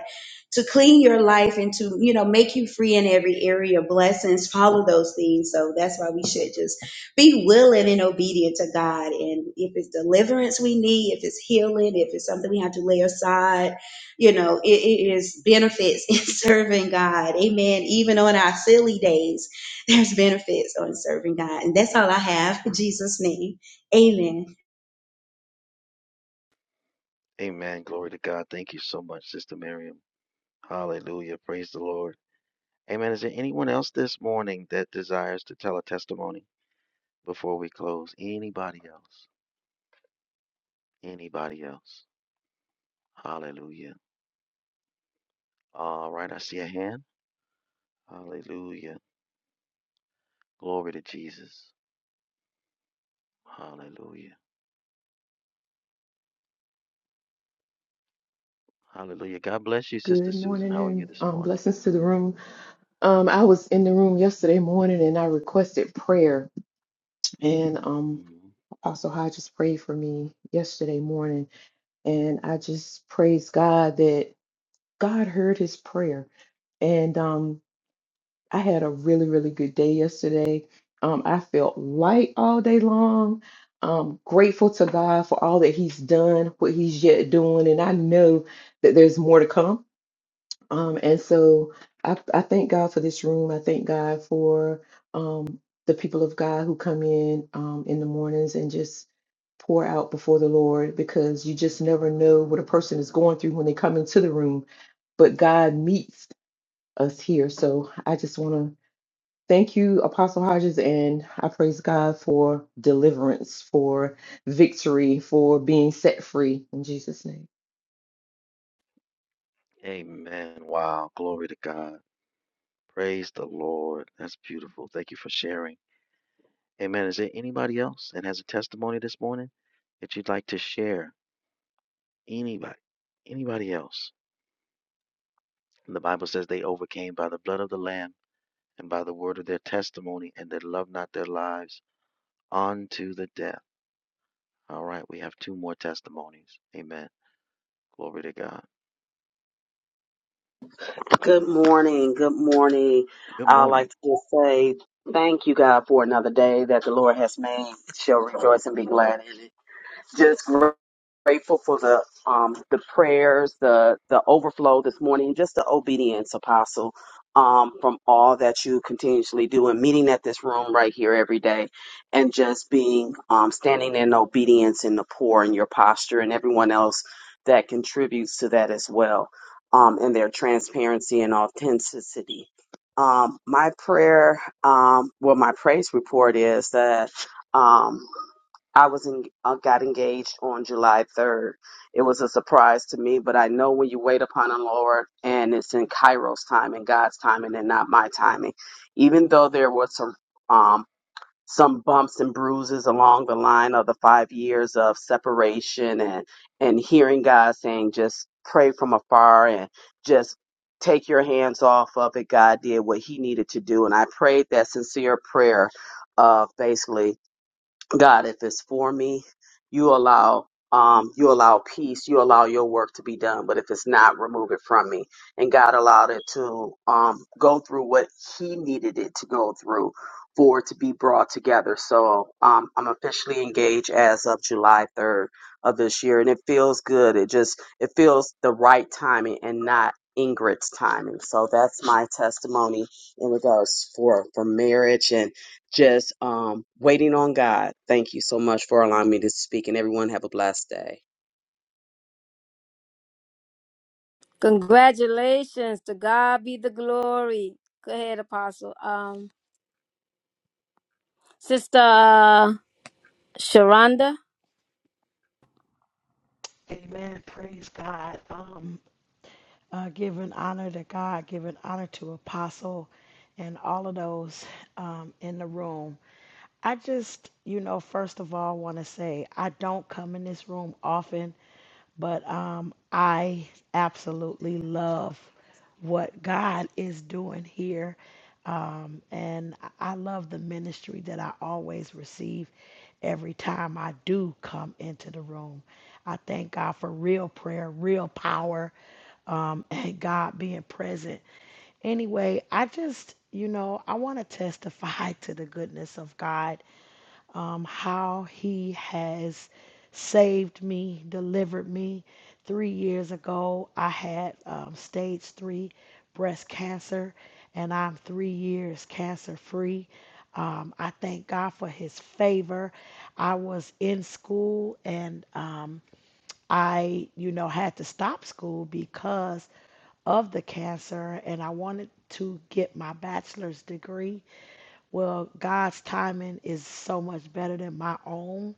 to clean your life and to you know make you free in every area, blessings follow those things. So that's why we should just be willing and obedient to God. And if it's deliverance we need, if it's healing, if it's something we have to lay aside, you know, it, it is benefits in serving God. Amen. Even on our silly days, there's benefits on serving God. And that's all I have. In Jesus' name. Amen.
Amen. Glory to God. Thank you so much, Sister Miriam. Hallelujah. Praise the Lord. Amen. Is there anyone else this morning that desires to tell a testimony before we close? Anybody else? Anybody else? Hallelujah. All right, I see a hand. Hallelujah. Glory to Jesus. Hallelujah. Hallelujah. God bless you, Sister
Good
Susan.
morning
How are you
and
this
um,
morning?
blessings to the room. Um, I was in the room yesterday morning and I requested prayer. And um,
hmm
Apostle Hodges prayed for me yesterday morning. And I just praise God that God heard his prayer. And um, I had a really, really good day yesterday. Um, I felt light all day long. Um, grateful to God for all that He's done, what He's yet doing, and I know that there's more to come. Um, and so I, I thank God for this room. I thank God for um, the people of God who come in um, in the mornings and just pour out before the Lord because you just never know what a person is going through when they come into the room. But God meets us here. So I just want to thank you, Apostle Hodges, and I praise God for deliverance, for victory, for being set free in Jesus' name.
Amen. Wow. Glory to God. Praise the Lord. That's beautiful. Thank you for sharing. Amen. Is there anybody else that has a testimony this morning that you'd like to share? Anybody? Anybody else? And the Bible says they overcame by the blood of the Lamb and by the word of their testimony, and they loved not their lives unto the death. All right, we have two more testimonies. Amen. Glory to God.
Good morning. Good morning.
Good
I'd like
morning.
to just say thank you, God, for another day that the Lord has made. Shall rejoice and be glad in it. Just grateful for the um the prayers, the the overflow this morning, just the obedience, Apostle, um, from all that you continuously do and meeting at this room right here every day, and just being um standing in obedience in the poor and your posture and everyone else that contributes to that as well, um, and their transparency and authenticity. Um, my prayer, um, well, my praise report is that. um. I was in, uh, got engaged on July 3rd. It was a surprise to me, but I know when you wait upon the Lord and it's in Kairos time and God's timing and not my timing, even though there was some, um, some bumps and bruises along the line of the five years of separation and, and hearing God saying, just pray from afar and just take your hands off of it. God did what he needed to do. And I prayed that sincere prayer of basically God, if it's for me, you allow um, you allow peace, you allow your work to be done. But if it's not, remove it from me. And God allowed it to um, go through what He needed it to go through for it to be brought together. So um, I'm officially engaged as of July 3rd of this year, and it feels good. It just it feels the right timing and not Ingrid's timing. So that's my testimony in regards for for marriage and just um, waiting on God. Thank you so much for allowing me to speak, and everyone have a blessed day.
Congratulations. To God be the glory. Go ahead, Apostle. Um, Sister uh, Sharonda.
Amen. Praise God. Um, uh, giving honor to God, giving honor to Apostle and all of those um, in the room. I just, you know, first of all, want to say I don't come in this room often, but um, I absolutely love what God is doing here. Um, and I I love the ministry that I always receive every time I do come into the room. I thank God for real prayer, real power, um, and God being present. Anyway, I just, you know, I want to testify to the goodness of God um, how he has saved me, delivered me. Three years ago, I had um, stage three breast cancer, and I'm three years cancer free. Um, I thank God for his favor. I was in school and um, I, you know, had to stop school because of the cancer, and I wanted to get my bachelor's degree well, God's timing is so much better than my own.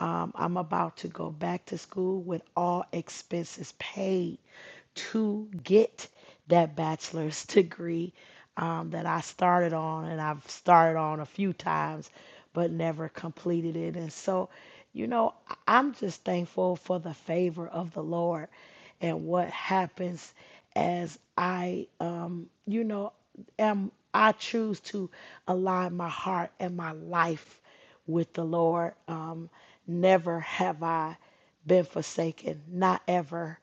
Um, I'm about to go back to school with all expenses paid to get that bachelor's degree um, that I started on, and I've started on a few times, but never completed it. And so, you know, I- I'm just thankful for the favor of the Lord and what happens as I, um, you know, am I choose to align my heart and my life with the Lord. Um, never have I been forsaken, not ever.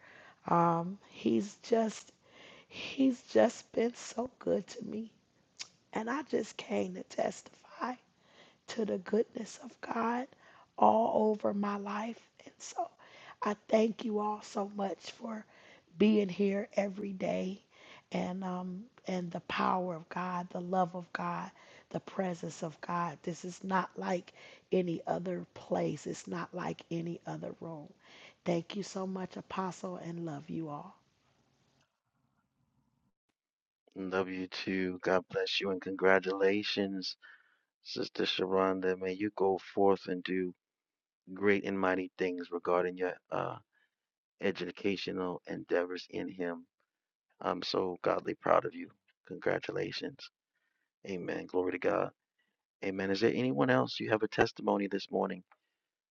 Um, he's just he's just been so good to me, and I just came to testify to the goodness of God all over my life. And so I thank you all so much for being here every day and um and the power of God, the love of God, the presence of God. This is not like any other place. It's not like any other room. Thank you so much, Apostle, and love you all.
Love you too. God bless you and congratulations, Sister Sharonda. May you go forth and do great and mighty things regarding your uh, educational endeavors in Him. I'm so godly proud of you. Congratulations. Amen. Glory to God. Amen. Is there anyone else you have a testimony this morning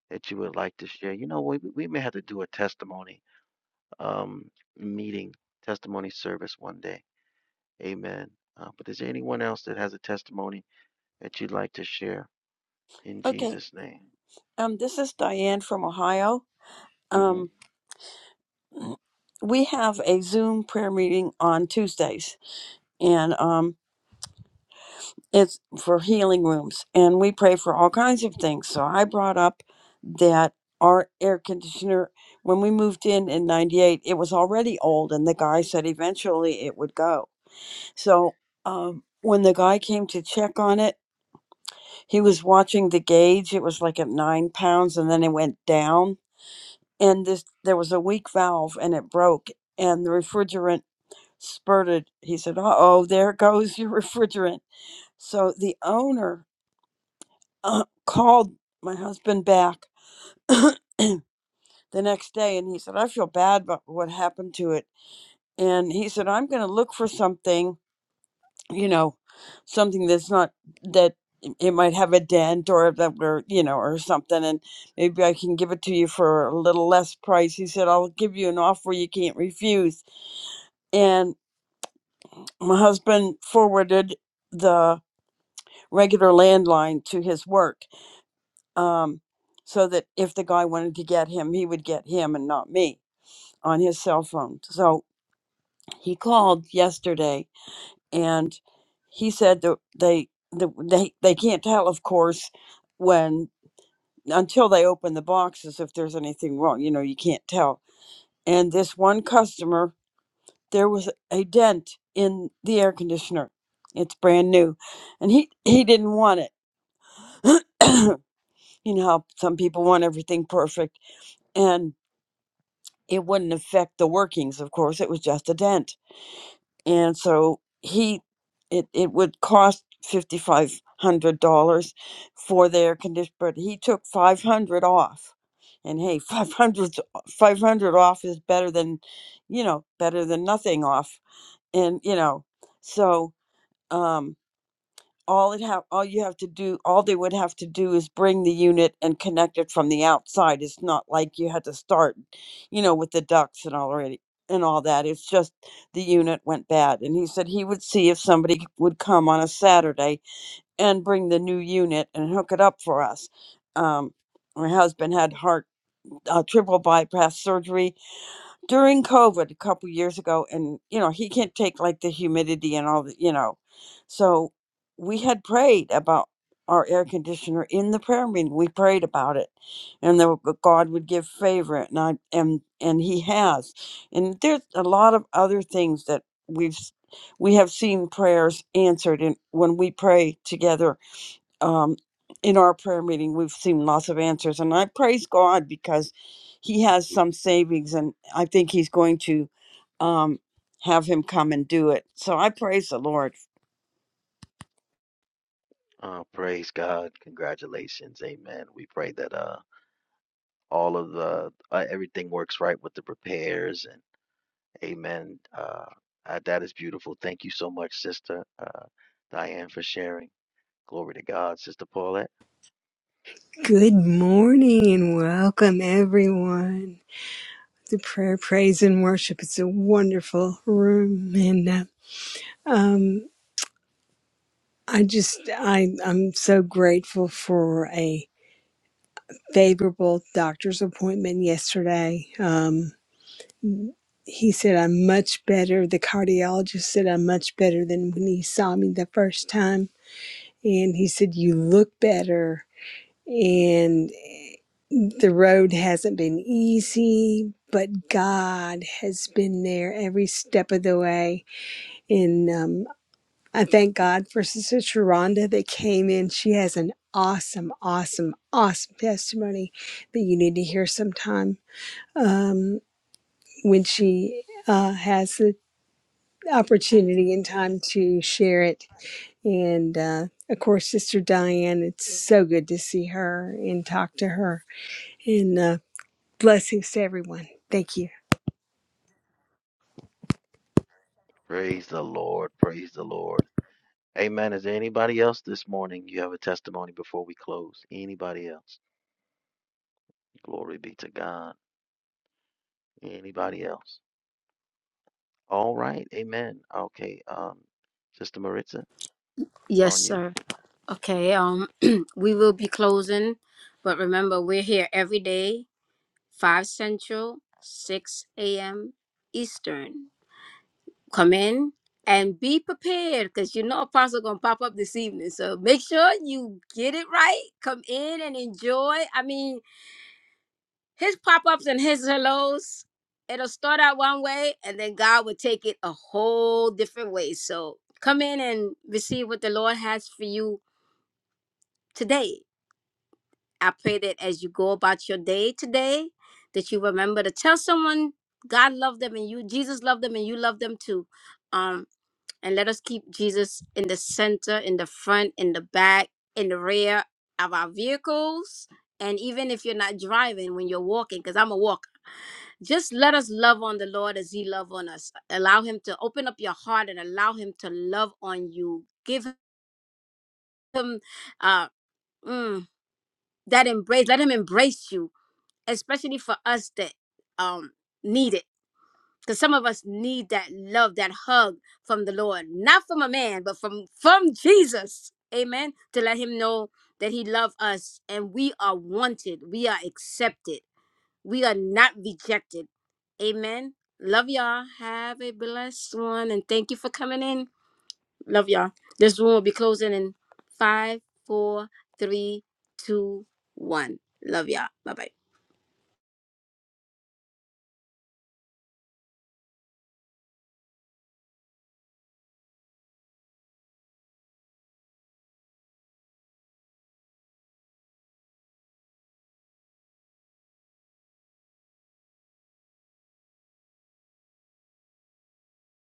that you would like to share? You know, we, we may have to do a testimony um, meeting, testimony service one day. Amen. Uh, but is there anyone else that has a testimony that you'd like to share in
Okay.
Jesus' name?
Um, this is Diane from Ohio.
hmm
Um, we have a Zoom prayer meeting on Tuesdays, and um, it's for healing rooms and we pray for all kinds of things so i brought up that our air conditioner when we moved in in 98 it was already old and the guy said eventually it would go so um, when the guy came to check on it he was watching the gauge it was like at nine pounds and then it went down and this there was a weak valve and it broke and the refrigerant spurted he said uh-oh there goes your refrigerant so the owner uh, called my husband back the next day and he said, I feel bad about what happened to it. And he said, I'm going to look for something, you know, something that's not, that it it might have a dent or that, or, you know, or something. And maybe I can give it to you for a little less price. He said, I'll give you an offer you can't refuse. And my husband forwarded the regular landline to his work um, so that if the guy wanted to get him, he would get him and not me on his cell phone. So he called yesterday and he said that they that they they can't tell, of course, when until they open the boxes if there's anything wrong. You know, you can't tell. And this one customer, there was a dent in the air conditioner. It's brand new, and he he didn't want it. you know how some people want everything perfect, and it wouldn't affect the workings. Of course, it was just a dent and so he it, it would cost fifty five hundred dollars for the air condition but he took five hundred off and hey 500 500 off is better than you know better than nothing off and you know so um all it have all you have to do all they would have to do is bring the unit and connect it from the outside it's not like you had to start you know with the ducts and already and all that it's just the unit went bad and he said he would see if somebody would come on a saturday and bring the new unit and hook it up for us um my husband had heart uh, triple bypass surgery during COVID a couple years ago, and you know he can't take like the humidity and all the you know, so we had prayed about our air conditioner in the prayer meeting. We prayed about it, and that God would give favor, and I, and and He has, and there's a lot of other things that we've s- we have seen prayers answered, and when we pray together um, in our prayer meeting, we've seen lots of answers, and I praise God because He has some savings, and I think He's going to um, have him come and do it. So I praise the Lord
Uh, praise God. Congratulations. Amen. We pray that uh, all of the, uh, everything works right with the repairs and amen. Uh, uh, that is beautiful. Thank you so much, Sister uh, Diane, for sharing. Glory to God, Sister Paulette.
Good morning and welcome everyone to prayer, praise, and worship. It's a wonderful room, and uh, um, I just I I'm so grateful for a favorable doctor's appointment yesterday. Um, he said I'm much better. The cardiologist said I'm much better than when he saw me the first time, and he said you look better. and the road hasn't been easy, but God has been there every step of the way. And um, I thank God for Sister Sharonda that came in. She has an awesome, awesome, awesome testimony that you need to hear sometime um, when she uh, has the opportunity and time to share it. And uh, of course, Sister Diane, it's so good to see her and talk to her. And uh, blessings to everyone. Thank you.
Praise the Lord. Praise the Lord. Amen. Is there anybody else this morning? You have a testimony before we close. Anybody else? Glory be to God. Anybody else? All right. Amen. Okay. Um, Sister Maritza, it's
Yes,
on you.
sir. Okay. Um, we will be closing, but remember, we're here every day, five central, six a.m. Eastern. Come in and be prepared, because you know Apostle gonna pop up this evening. So make sure you get it right. Come in and enjoy. I mean, his pop-ups and his hellos it'll start out one way and then god will take it a whole different way so come in and receive what the lord has for you today i pray that as you go about your day today that you remember to tell someone god loved them and you jesus loved them and you love them too um and let us keep jesus in the center in the front in the back in the rear of our vehicles and even if you're not driving when you're walking because i'm a walker just let us love on the Lord as He love on us. Allow Him to open up your heart and allow Him to love on you. Give Him uh, mm, that embrace. Let Him embrace you, especially for us that um, need it. Because some of us need that love, that hug from the Lord, not from a man, but from from Jesus. Amen. To let Him know that He loves us and we are wanted. We are accepted We are not rejected. Amen. Love y'all. Have a blessed one. And thank you for coming in. Love y'all. This room will be closing in five, four, three, two, one. Love y'all. Bye bye.